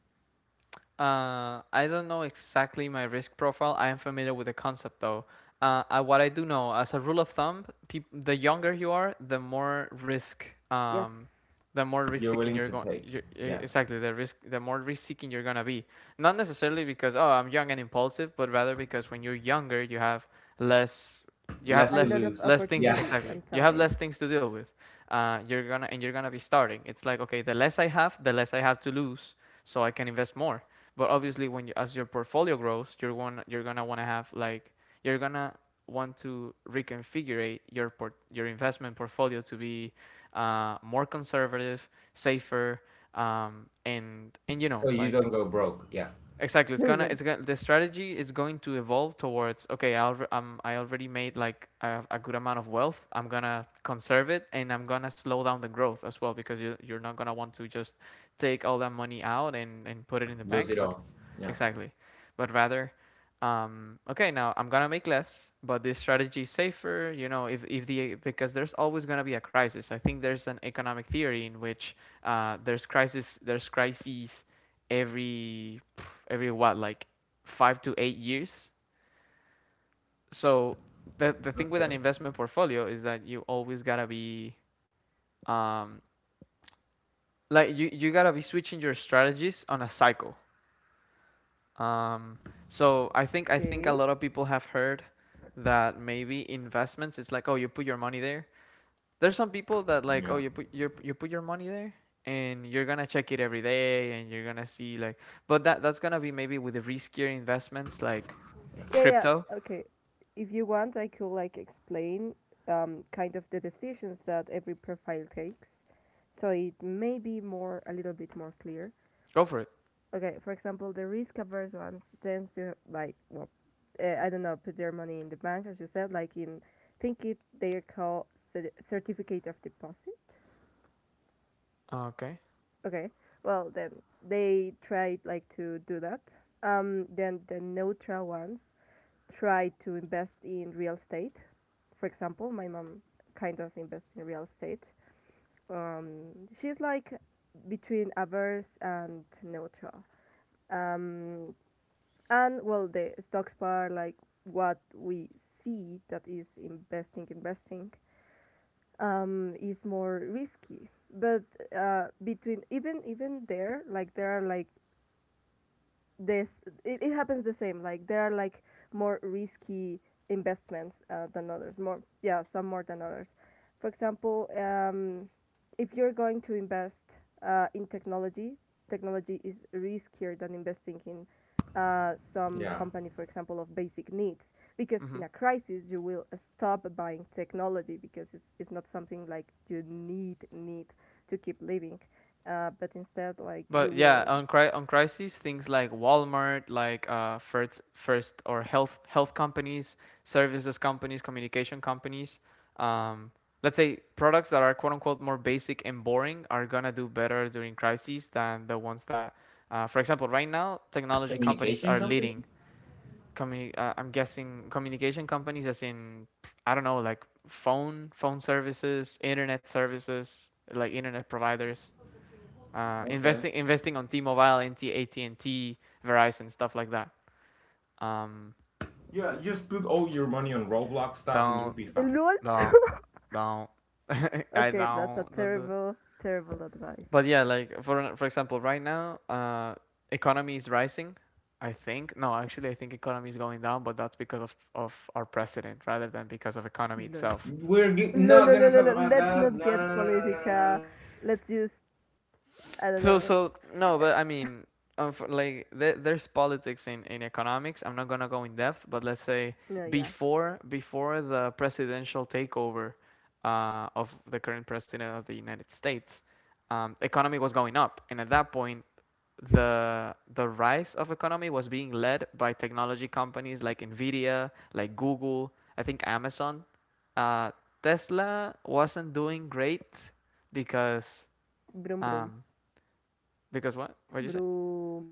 S1: Uh, I don't know exactly my risk profile. I am familiar with the concept though. Uh, I, what I do know, as a rule of thumb, peop- the younger you are, the more risk,
S3: Yes,
S1: um, the more risk
S2: You're
S1: seeking
S2: willing
S1: you're
S2: to
S1: going.
S2: take,
S1: E-
S2: yeah,
S1: exactly, the risk, the more risk seeking you're gonna be. Not necessarily because oh I'm young and impulsive, but rather because when you're younger, you have less, you have
S2: less
S3: a
S2: to
S3: lot
S1: less
S3: of
S2: lose,
S1: less things.
S2: yeah,
S3: opportunities
S1: Exactly,
S3: and
S1: you have less
S3: time.
S1: things to deal with. Uh, you're gonna and you're gonna be starting. It's like okay, the less I have, the less I have to lose, so I can invest more but obviously, when you, as your portfolio grows, you're one. You're gonna want to have like you're gonna want to reconfigure your port, your investment portfolio to be uh, more conservative, safer, um, and and you know
S2: so you
S1: like
S2: don't go broke, yeah,
S1: exactly it's gonna
S3: Lol.
S1: it's gonna the strategy is going to evolve towards okay I alre- um, I already made like a, a good amount of wealth I'm gonna conserve it and I'm gonna slow down the growth as well because you you're not gonna want to just take all that money out and and put it in the
S2: lose
S1: bank
S2: it
S1: but
S2: all, yeah.
S1: Exactly. But rather, um, okay, now I'm gonna make less, but this strategy is safer. You know, if if the because there's always gonna be a crisis. I think there's an economic theory in which uh, there's crisis, there's crises every every what like five to eight years. So the the thing with an
S2: Okay.
S1: investment portfolio is that you always gotta be um, like you you gotta be switching your strategies on a cycle. Um, so I think I think a
S3: Okay.
S1: lot of people have heard that maybe investments it's like, oh, you put your money there. There's some people that like, oh,
S2: Yeah,
S1: you put your you put your money there, and you're gonna check it every day and you're gonna see like, but that that's gonna be maybe with the riskier investments like
S3: Yeah, yeah.
S1: crypto.
S3: Okay. If you want, I could like explain um, kind of the decisions that every profile takes, so it may be more a little bit more clear.
S1: Go for it.
S3: Okay, for example, the risk averse ones tends to like, well, uh, I don't know, put their money in the bank, as you said, like in, think it they call cer- certificate of deposit.
S1: Okay.
S3: Okay, well, then they try like to do that. Um, then the neutral ones try to invest in real estate. For example, my mom kind of invests in real estate. Um, she's like between averse and neutral. Um, and well, the stocks part, like what we see that is investing, investing, um, is more risky. But uh, between, even even there, like there are like this, it, it happens the same, like there are like more risky investments uh, than others, more. Yeah, some more than others. For example, um, if you're going to invest uh, in technology, technology is riskier than investing in uh, some
S2: yeah.
S3: company, for example, of basic needs, because
S1: Mm-hmm.
S3: in a crisis you will uh, stop buying technology because it's, it's not something like you need need to keep living. Uh, but instead, like you
S1: But yeah,
S3: will
S1: on cri on crises, things like Walmart, like uh, first first or health health companies, services companies, communication companies, um, let's say products that are quote unquote more basic and boring are gonna do better during crises than the ones that, uh, for example, right now technology companies
S2: Communication
S1: are
S2: company.
S1: leading. Communi- uh, I'm guessing communication companies, as in I don't know, like phone phone services, internet services, like internet providers, uh,
S2: Okay.
S1: investing investing on T-Mobile, N T, A T and T, Verizon, stuff like that. Um,
S2: Yeah, just put all your money on Roblox stock and you'll
S1: don't
S2: be fine.
S3: lol.
S1: don't don't guys
S3: Okay, that's a
S1: don't don't do it.
S3: terrible, terrible advice.
S1: But yeah, like for for example, right now, uh, economy is rising. I think no, actually, I think economy is going down, but that's because of of our president rather than because of economy
S3: Lol.
S1: itself.
S2: We're g-
S3: Lol,
S2: not
S3: lol,
S2: gonna
S3: lol, lol,
S2: talk
S3: lol.
S2: about
S3: Let's
S2: that.
S3: not
S2: No,
S3: get
S2: no, no, no, no, no, no.
S3: politica. Let's use, I don't
S1: So
S3: know.
S1: so no, but I mean, um, for, like there, there's politics in in economics. I'm not gonna go in depth, but let's say
S3: No, yeah.
S1: before before the presidential takeover uh, of the current president of the United States, um, economy was going up, and at that point. The the rise of economy was being led by technology companies like Nvidia, like Google, I think Amazon. Uh, Tesla wasn't doing great because
S3: Broom, broom.
S1: um, because what? What did you say?
S3: Broom.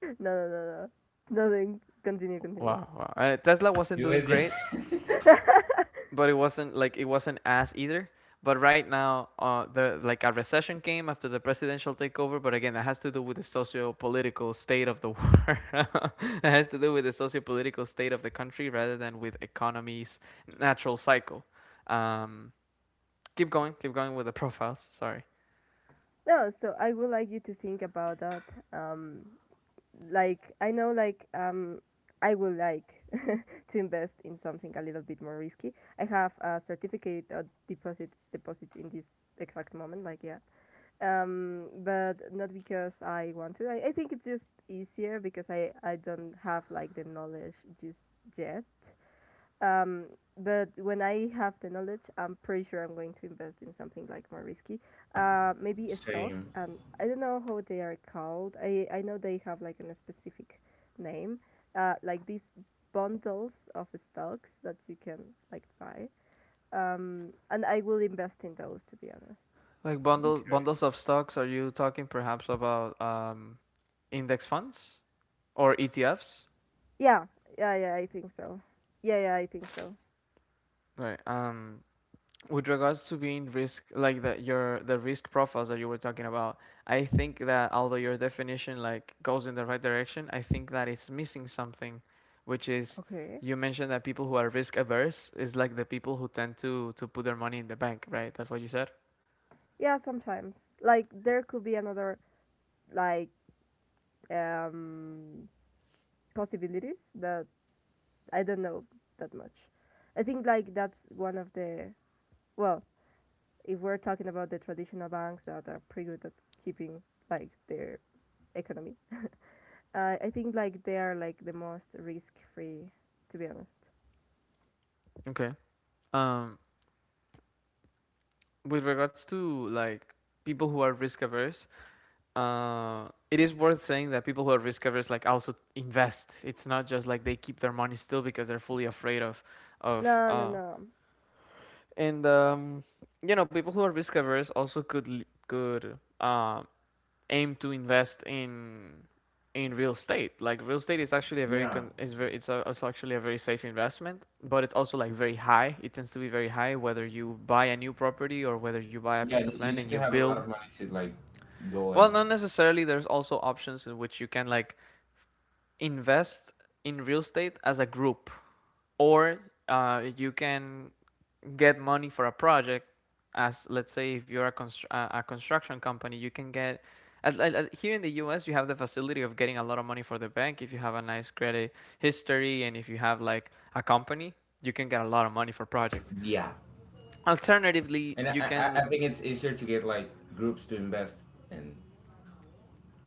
S3: No, no, no, no. Nothing. Continue, continue.
S1: Wow, wow. Uh, Tesla wasn't
S2: You
S1: doing
S2: is
S1: great,
S2: just
S1: but it wasn't like, it wasn't as either. But right now, uh, the like a recession came after the presidential takeover. But again, that has to do with the socio-political state of the world. It has to do with the socio-political state of the country rather than with economy's natural cycle. Um, Keep going, keep going with the profiles. Sorry.
S3: No, so I would like you to think about that. Um, like, I know, like, um, I would like to invest in something a little bit more risky. I have a certificate of deposit deposit in this exact moment, like, yeah. Um, but not because I want to, i, I think it's just easier because I, I don't have like the knowledge just yet. Um, but when I have the knowledge, I'm pretty sure I'm going to invest in something like more risky. Uh, maybe
S2: same.
S3: stocks, and I don't know how they are called. I i know they have like a specific name, uh like these bundles of stocks that you can like buy. Um, and I will invest in those, to be honest.
S1: Like bundles, bundles of stocks. Are you talking perhaps about um, index funds or E T Fs?
S3: Yeah, yeah, yeah, I think so. Yeah, yeah, I think so.
S1: Right. Um, with regards to being risk, like the your the risk profiles that you were talking about, I think that although your definition like goes in the right direction, I think that it's missing something, which is
S3: Okay.
S1: you mentioned that people who are risk averse is like the people who tend to to put their money in the bank, right? That's what you said.
S3: Yeah, sometimes. Like there could be another, like, um, possibilities, but I don't know that much. I think like that's one of the, well, if we're talking about the traditional banks that are pretty good at keeping like their economy. Uh, I think like they are like the most risk free, to be honest.
S1: Okay. Um, with regards to like people who are risk averse, uh, it is worth saying that people who are risk averse like also invest. It's not just like they keep their money still because they're fully afraid of of
S3: No, no,
S1: uh,
S3: no.
S1: and um, you know, people who are risk averse also could could uh, aim to invest in in real estate. Like real estate is actually a very
S2: Yeah,
S1: con- is very it's, a, it's actually a very safe investment, but it's also like very high. It tends to be very high whether you buy a new property or whether you buy a
S2: yeah.
S1: piece of
S2: You
S1: land and
S2: need
S1: you
S2: to have a lot
S1: build.
S2: of money to like go
S1: Well,
S2: and
S1: not necessarily. There's also options in which you can like invest in real estate as a group, or uh, you can get money for a project. As let's say, if you're a, constr- uh, a construction company, you can get. At, at, at- here in the U S, you have the facility of getting a lot of money for the bank if you have a nice credit history and if you have like a company, you can get a lot of money for projects.
S2: yeah.
S1: Alternatively,
S2: And I,
S1: you can.
S2: I, I think it's easier to get like groups to invest in.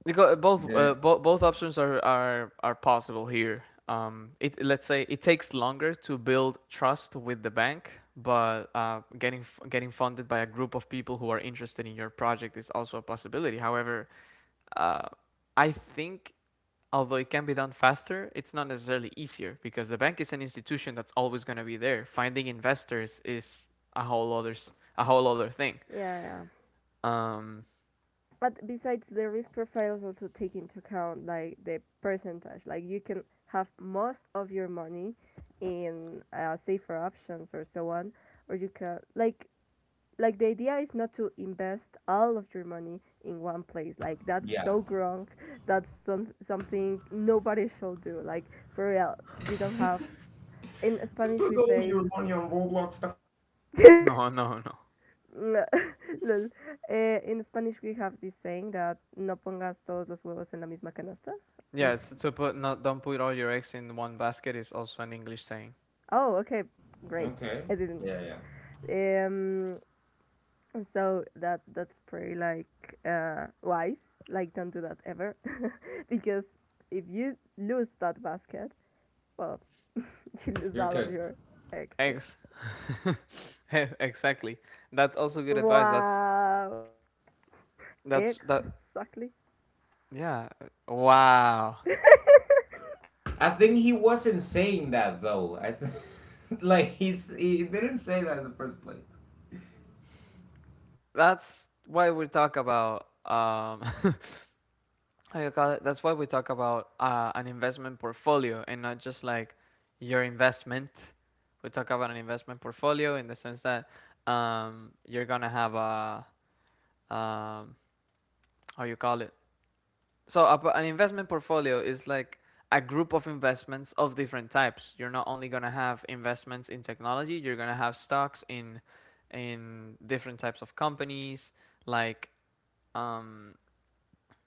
S1: Because uh, both uh,
S2: Then
S1: both both options are are are possible here. Um, it, let's say it takes longer to build trust with the bank, but uh, getting f- getting funded by a group of people who are interested in your project is also a possibility. However, uh, I think although it can be done faster, it's not necessarily easier because the bank is an institution that's always going to be there. Finding investors is a whole other s- a whole other thing.
S3: Yeah, yeah.
S1: Um,
S3: But besides, the risk profiles also take into account like the percentage. Like you can have most of your money in uh, safer options or so on, or you can like like the idea is not to invest all of your money in one place. Like that's
S2: Yeah.
S3: so wrong. That's some, something nobody should do. Like, for real, you don't have, in
S2: Just
S3: Spanish
S2: put
S3: we
S2: all
S3: say.
S2: your money on Roblox stock.
S1: no, no, no.
S3: Lol. Eh, in Spanish, we have this saying that no pongas todos los huevos en la misma canasta. It,
S1: Yes, to put, not, don't put all your eggs in one basket is also an English saying.
S3: oh, okay, great.
S2: Okay.
S3: I didn't.
S2: Yeah, yeah.
S3: Um, so that that's pretty like uh, wise. Like, don't do that ever, because if you lose that basket, well, you lose
S2: You're
S3: all of
S2: cooked.
S3: your eggs too.
S1: Eggs, exactly. That's also good advice. That's
S3: Wow,
S1: that's that.
S3: exactly.
S1: Yeah. Wow.
S2: I think he wasn't saying that though. I th- like, he's he didn't say that in the first place.
S1: That's why we talk about um. how you call it? That's why we talk about uh, an investment portfolio and not just like your investment. We talk about an investment portfolio in the sense that um you're gonna have a um how you call it. So a, an investment portfolio is like a group of investments of different types. You're not only gonna have investments in technology, you're gonna have stocks in in different types of companies, like um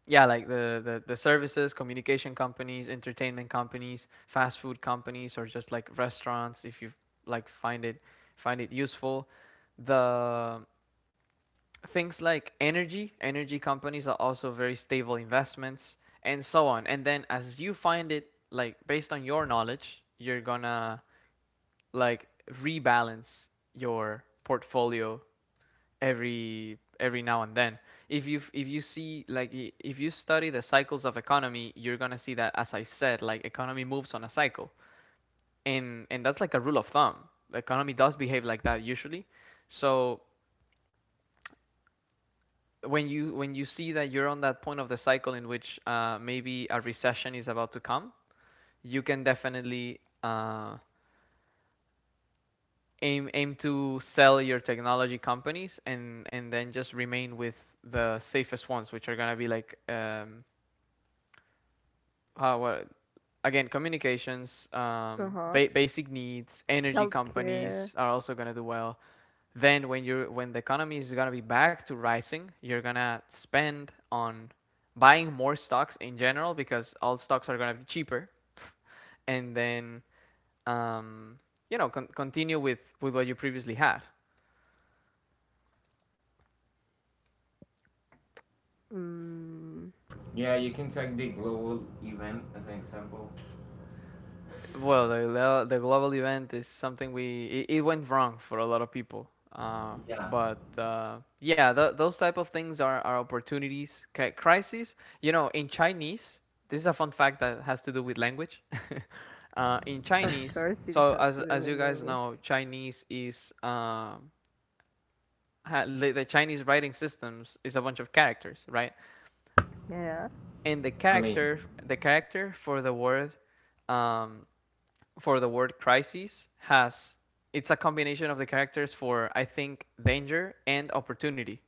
S1: yeah, like the, the, the services, communication companies, entertainment companies, fast food companies, or just like restaurants if you like find it, find it useful. The things like energy energy companies are also very stable investments, and so on, and then as you find it like based on your knowledge, you're gonna like rebalance your portfolio every every now and then. If you if you see like, if you study the cycles of economy, you're gonna see that, as I said, like economy moves on a cycle, and and that's like a rule of thumb. The economy does behave like that usually. So when you when you see that you're on that point of the cycle in which uh, maybe a recession is about to come, you can definitely uh, aim aim to sell your technology companies and and then just remain with the safest ones, which are gonna be like um, how what again, communications,
S3: Uh
S1: um,
S3: huh.
S1: ba- basic needs, energy
S3: Healthcare.
S1: companies are also gonna do well. Then when you're when the economy is gonna be back to rising, you're gonna spend on buying more stocks in general because all stocks are gonna be cheaper, and then um, you know, con- continue with with what you previously had.
S3: Mm,
S2: Yeah, you can take the global event as an example.
S1: Well, the glo- the global event is something we, it, it went wrong for a lot of people. Uh,
S2: Yeah,
S1: but uh, yeah, th- those type of things are, are opportunities, cri- crises. You know, in Chinese, this is a fun fact that has to do with language. uh, in
S3: of
S1: Chinese,
S3: course, it
S1: so
S3: has
S1: as
S3: to do
S1: as
S3: with
S1: you guys
S3: language.
S1: know, Chinese is um, ha- the the Chinese writing systems is a bunch of characters, right?
S3: Yeah.
S1: And the
S2: I mean,
S1: character the character for the word um, for the word crisis has, it's a combination of the characters for, I think, danger and opportunity.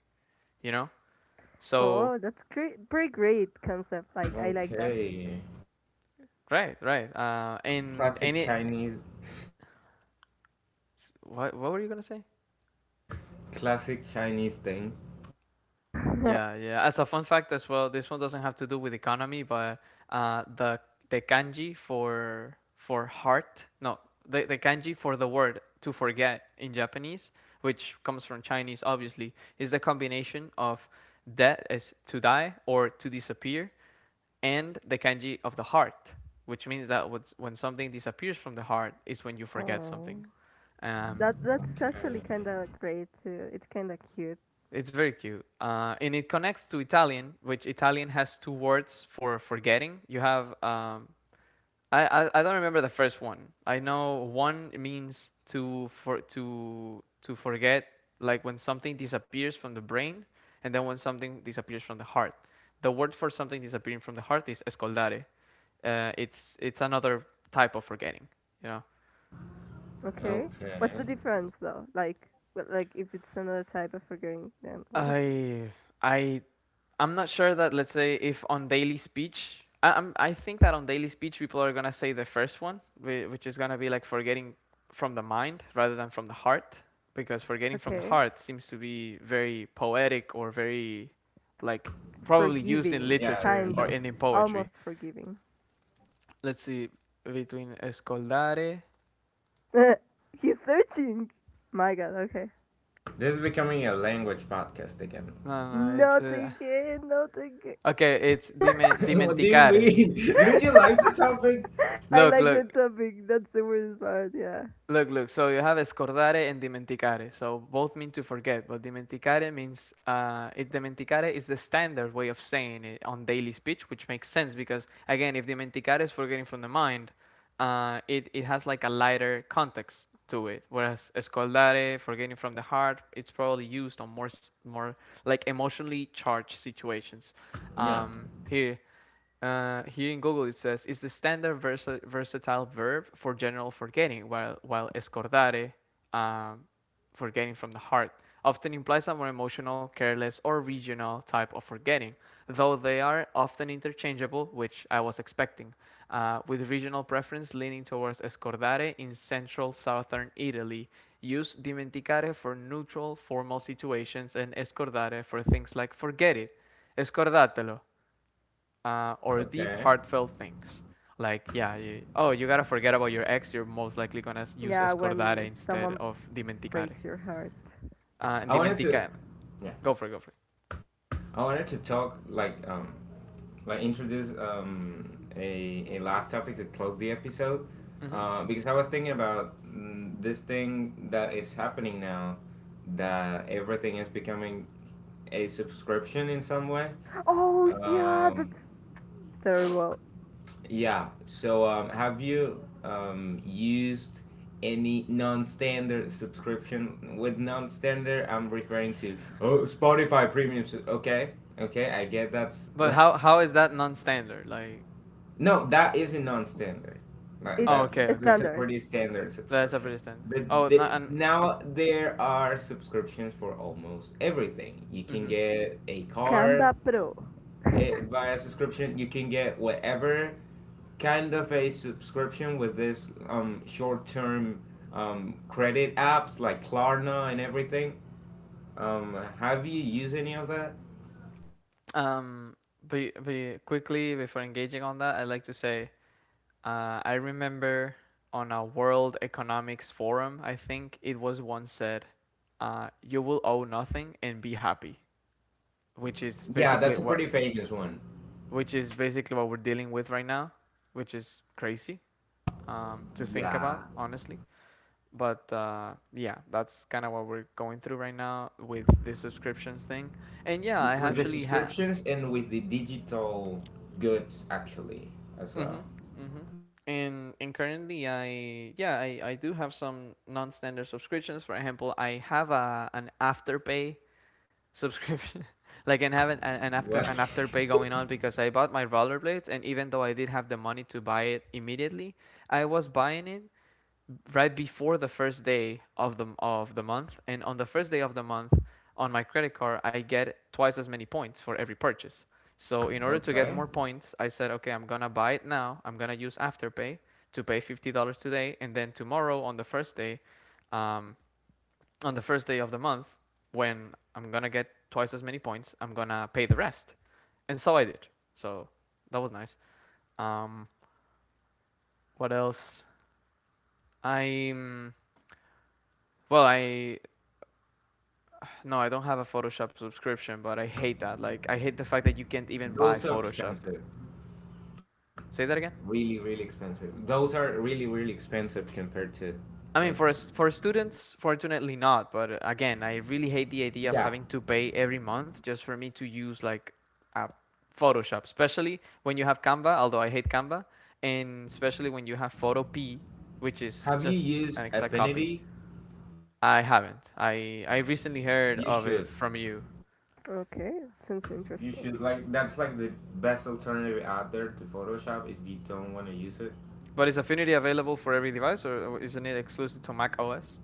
S1: You know, so
S3: Oh, that's great. Pretty great concept. Like, I like
S2: okay,
S1: right, right, uh, and and
S2: classic
S1: it.
S2: Chinese,
S1: What what were you gonna say?
S2: classic Chinese thing.
S3: that.
S1: Yeah, yeah. As a fun fact as well, this one doesn't have to do with economy, but uh, the the kanji for for heart, no, the the kanji for the word to forget in Japanese, which comes from Chinese, obviously, is the combination of that is to die or to disappear, and the kanji of the heart, which means that what's when something disappears from the heart is when you forget
S3: Oh,
S1: something. Um,
S3: that that's
S2: Okay,
S3: actually kind of great too. It's kind of cute.
S1: It's very cute. Uh, and it connects to Italian, which Italian has two words for forgetting. You have, um, I, I, I don't remember the first one. I know one means to, for, to, to forget, like when something disappears from the brain, and then when something disappears from the heart. The word for something disappearing from the heart is escoldare. Uh, it's, it's another type of forgetting, you know.
S3: Okay, what's the
S2: okay.
S3: difference though? Like, w- like if it's another type of forgiving, then what is it?
S1: I, I I'm not sure that, let's say, if on daily speech I, I'm I think that on daily speech people are gonna say the first one, which is gonna be like forgetting from the mind rather than from the heart, because forgetting from the
S3: Okay,
S1: heart seems to be very poetic or very like probably used in
S3: forgiving,
S2: Yeah,
S1: literature
S3: kind
S1: or
S3: of,
S1: in, in poetry.
S3: almost forgiving.
S1: Let's see between escoldare.
S3: He's searching. My God. Okay.
S2: this is becoming a language podcast again.
S1: No, no, no, it's
S3: Not
S1: uh,
S3: again. Not again.
S1: okay. It's dimen-
S2: What do you
S1: dimenticare.
S2: mean? Didn't you like the topic?
S3: I
S1: Look,
S3: like that
S1: look.
S3: topic. That's the worst part. Yeah.
S1: Look, look, so you have scordare and dimenticare. So both mean to forget, but dimenticare means uh, it, dimenticare is the standard way of saying it on daily speech, which makes sense because, again, if dimenticare is forgetting from the mind, uh, it, it has like a lighter context to it. Whereas scordare, forgetting from the heart, it's probably used on more, more like emotionally charged situations.
S2: Yeah.
S1: Um, here, uh, here in Google it says it's the standard versa- versatile verb for general forgetting, while while escordare, um, forgetting from the heart, often implies a more emotional, careless, or regional type of forgetting, though they are often interchangeable, which I was expecting, uh, with regional preference leaning towards escordare in central southern Italy. Use dimenticare for neutral, formal situations and escordare for things like forget it, escordatelo, uh, or deep,
S2: Okay.
S1: heartfelt things. Like, yeah, you, oh, you gotta forget about your ex. You're most likely gonna s- use
S3: Yeah,
S1: escordare
S3: when
S1: instead
S3: someone
S1: of dimenticare.
S3: breaks your heart.
S1: Uh, and
S2: I wanted to.
S1: dimenticare,
S2: Yeah.
S1: go for it, go for
S2: I wanted to talk, like, um like introduce, um a a last topic to close the episode,
S1: it. Hmm.
S2: uh, because I was thinking about, mm, this thing that is happening now, that everything is becoming a subscription in some way.
S3: Oh yeah,
S2: Um,
S3: that's terrible.
S2: yeah. So, um, have you, um, used any non-standard subscription? With non-standard, I'm referring to, oh, Spotify Premium. su- Okay, okay, I get that's
S1: But
S2: like.
S1: how how is that non-standard? Like,
S2: No, that is a non-standard. That,
S1: oh,
S3: It's
S2: that
S1: okay,
S3: a
S2: that's
S1: okay,
S2: a
S3: standard.
S2: pretty standard
S1: that's a
S2: subscription.
S1: pretty standard.
S2: But,
S1: Oh, not
S2: the,
S1: and uh,
S2: now there are subscriptions for almost everything. You can
S1: mhm.
S2: get a car,
S3: Canva Pro.
S2: eh, via subscription. You can get whatever kind of a subscription with this, um, short-term, um, credit apps like Klarna and everything. Um, have you used any of that?
S1: Um, but you- but you- quickly before engaging on that, I'd like to say Uh, I remember on a World Economics Forum, I think it was once said, uh, "You will owe nothing and be happy," which is
S2: Yeah, that's
S1: basically
S2: a pretty
S1: what
S2: famous one.
S1: which is basically what we're dealing with right now, which is crazy um, to think about,
S2: Yeah,
S1: honestly. But uh, yeah, that's kind of what we're going through right now with the subscriptions thing. And yeah, I
S2: with the
S1: actually ha-
S2: subscriptions and with the digital goods, actually, as well.
S1: mhm. Mhm. And and currently I yeah, I I do have some non-standard subscriptions. For example, I have a an Afterpay subscription. Like and have an, an an after
S2: Well,
S1: an afterpay going on because I bought my rollerblades and even though I did have the money to buy it immediately, I was buying it right before the first day of the of the month, and on the first day of the month on my credit card I get twice as many points for every purchase. So in order to get
S2: okay.
S1: more points, I said, okay, I'm gonna buy it now. I'm gonna use Afterpay to pay fifty dollars today, and then tomorrow on the first day, um, on the first day of the month, when I'm gonna get twice as many points, I'm gonna pay the rest. And so I did. So that was nice. Um, what else? I well, I No, I don't have a Photoshop subscription, but I hate that. Like, I hate the fact that you can't even buy
S2: Those are
S1: Photoshop.
S2: expensive.
S1: Say that again.
S2: Really, really expensive. Those are really, really expensive compared to,
S1: I mean,
S2: like,
S1: for us, for students, fortunately not. But uh, again, I really hate the idea of
S2: yeah.
S1: having to pay every month just for me to use like a Photoshop, especially when you have Canva. Although I hate Canva, and especially when you have Photo P, which is
S2: Have you
S1: just an
S2: used
S1: exact copy.
S2: Affinity?
S1: I haven't. I I recently heard
S2: You
S1: of it
S2: should.
S1: from you.
S3: Okay, sounds
S2: You
S3: interesting.
S2: should, like, that's like the best alternative out there to Photoshop if you don't want to use it.
S1: But is Affinity available for every device, or isn't it exclusive to Mac O S?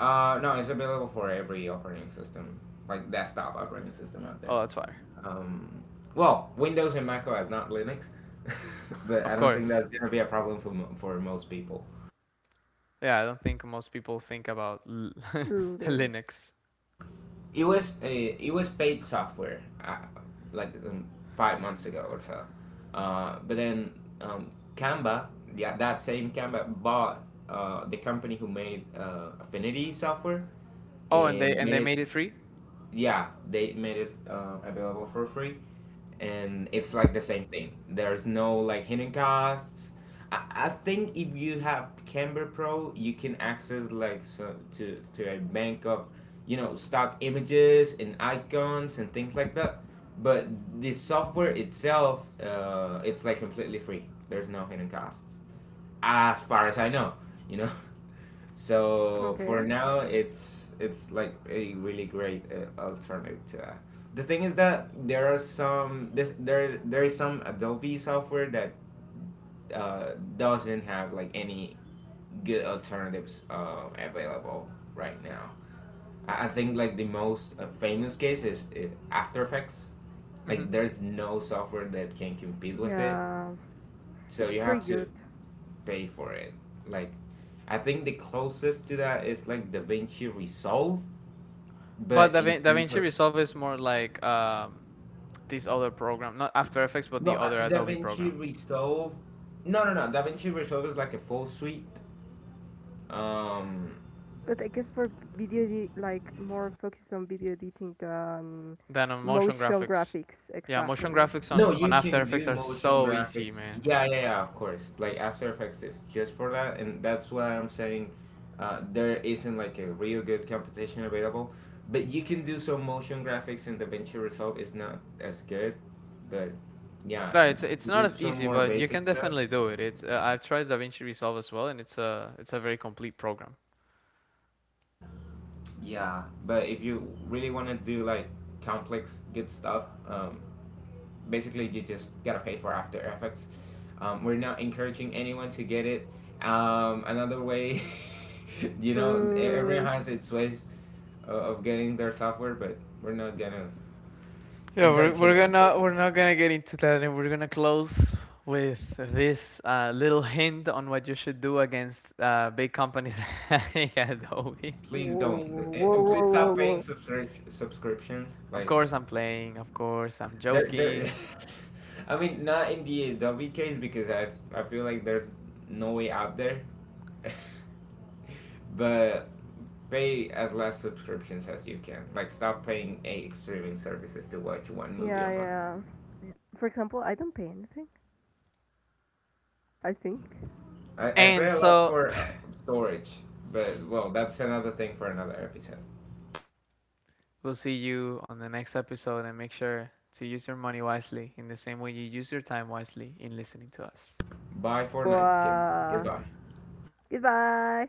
S2: Uh, no, it's available for every operating system, like desktop operating system out there.
S1: Oh, that's why.
S2: Um, well, Windows and Mac O S, not Linux, but
S1: Of
S2: I don't think
S1: course.
S2: that's gonna be a problem for mo- for most people.
S1: Yeah, I don't think most people think about l-
S3: Linux.
S1: Linux.
S2: It was a, it was paid software, uh, like, um, five months ago or so. Uh, but then, um, Canva, yeah, that same Canva bought, uh, the company who made, uh, Affinity software,
S1: Oh, and they
S2: and
S1: and
S2: made
S1: they
S2: it,
S1: made it free.
S2: yeah, they made it, um, available for free, and it's like the same thing. There's no, like, hidden costs. I, I think if you have Canva Pro, you can access, like, so, to to a bank of, you know, stock images and icons and things like that. But the software itself, uh, it's like completely free. There's no hidden costs, as far as I know. You know. So for
S3: Okay.
S2: now, it's it's like a really great, uh, alternative to that. The thing is that there are some this there there is some Adobe software that, uh, doesn't have like any good alternatives, um, available right now. I, I think like the most, uh, famous case is, uh, After Effects.
S1: Hmm.
S2: Like, there's no software that can compete with it.
S3: Yeah,
S2: So
S3: it's
S2: you have
S3: pretty
S2: to
S3: good.
S2: pay for it. Like, I think the closest to that is like DaVinci Resolve.
S1: But
S2: But in
S1: DaVin-
S2: terms
S1: DaVinci
S2: of,
S1: Resolve is more like um, these other program, not After Effects, but
S2: no,
S1: the
S2: uh,
S1: other
S2: Da
S1: Adobe program.
S2: Resolve, no, no, no, DaVinci Resolve is like a full suite. Um,
S3: But I guess for video, edi- like more focused on video editing than
S1: Then on motion
S3: motion
S1: graphics.
S3: graphics,
S1: Yeah, motion
S3: exactly.
S1: graphics
S2: No,
S1: on on
S2: you
S1: After
S2: can do
S1: Effects are
S2: motion
S1: so easy,
S2: graphics.
S1: man.
S2: Yeah, yeah, yeah, of course. Like, After Effects is just for that, and that's why I'm saying, uh, there isn't like a real good competition available. But you can do some motion graphics, and DaVinci Resolve is not as good. But yeah,
S1: Right,
S2: and
S1: it's it's
S2: to
S1: not
S2: do
S1: as
S2: some
S1: easy,
S2: more
S1: but you
S2: basic
S1: can
S2: stuff,
S1: definitely do it. It's uh, I've tried DaVinci Resolve as well, and it's a it's a very complete program.
S2: yeah. But if you really want to do like complex good stuff, um, basically you just gotta pay for After Effects. Um, we're not encouraging anyone to get it. Um, another way, you know, e- everyone
S3: Mm.
S2: has its ways, uh, of getting their software, but we're not gonna
S1: Yeah, we're
S2: encourage
S1: we're
S2: anyone to do it.
S1: gonna we're not gonna get into that, and we're gonna close with this uh, little hint on what you should do against uh, big companies like Adobe.
S3: Whoa,
S2: Please don't. And
S3: whoa,
S2: and
S3: whoa,
S2: please
S3: whoa, whoa,
S2: stop paying
S3: whoa.
S2: subscri- subscriptions.
S1: Of
S2: Like,
S1: course, I'm playing. Of course, I'm
S2: there, there.
S1: joking.
S2: I mean, not in the Adobe case because I, I feel like there's no way out there. But pay as less subscriptions as you can. Like, stop paying eight streaming services to watch one movie a
S3: Yeah,
S2: month.
S3: yeah. For example, I don't pay anything. I think.
S2: I, I pay
S1: And
S2: a lot
S1: so
S2: for, uh, storage, but well, that's another thing for another episode.
S1: we'll see you on the next episode, and make sure to use your money wisely in the same way you use your time wisely in listening to us.
S2: Bye for nights, kids.
S3: Wow.
S2: Goodbye.
S3: Goodbye.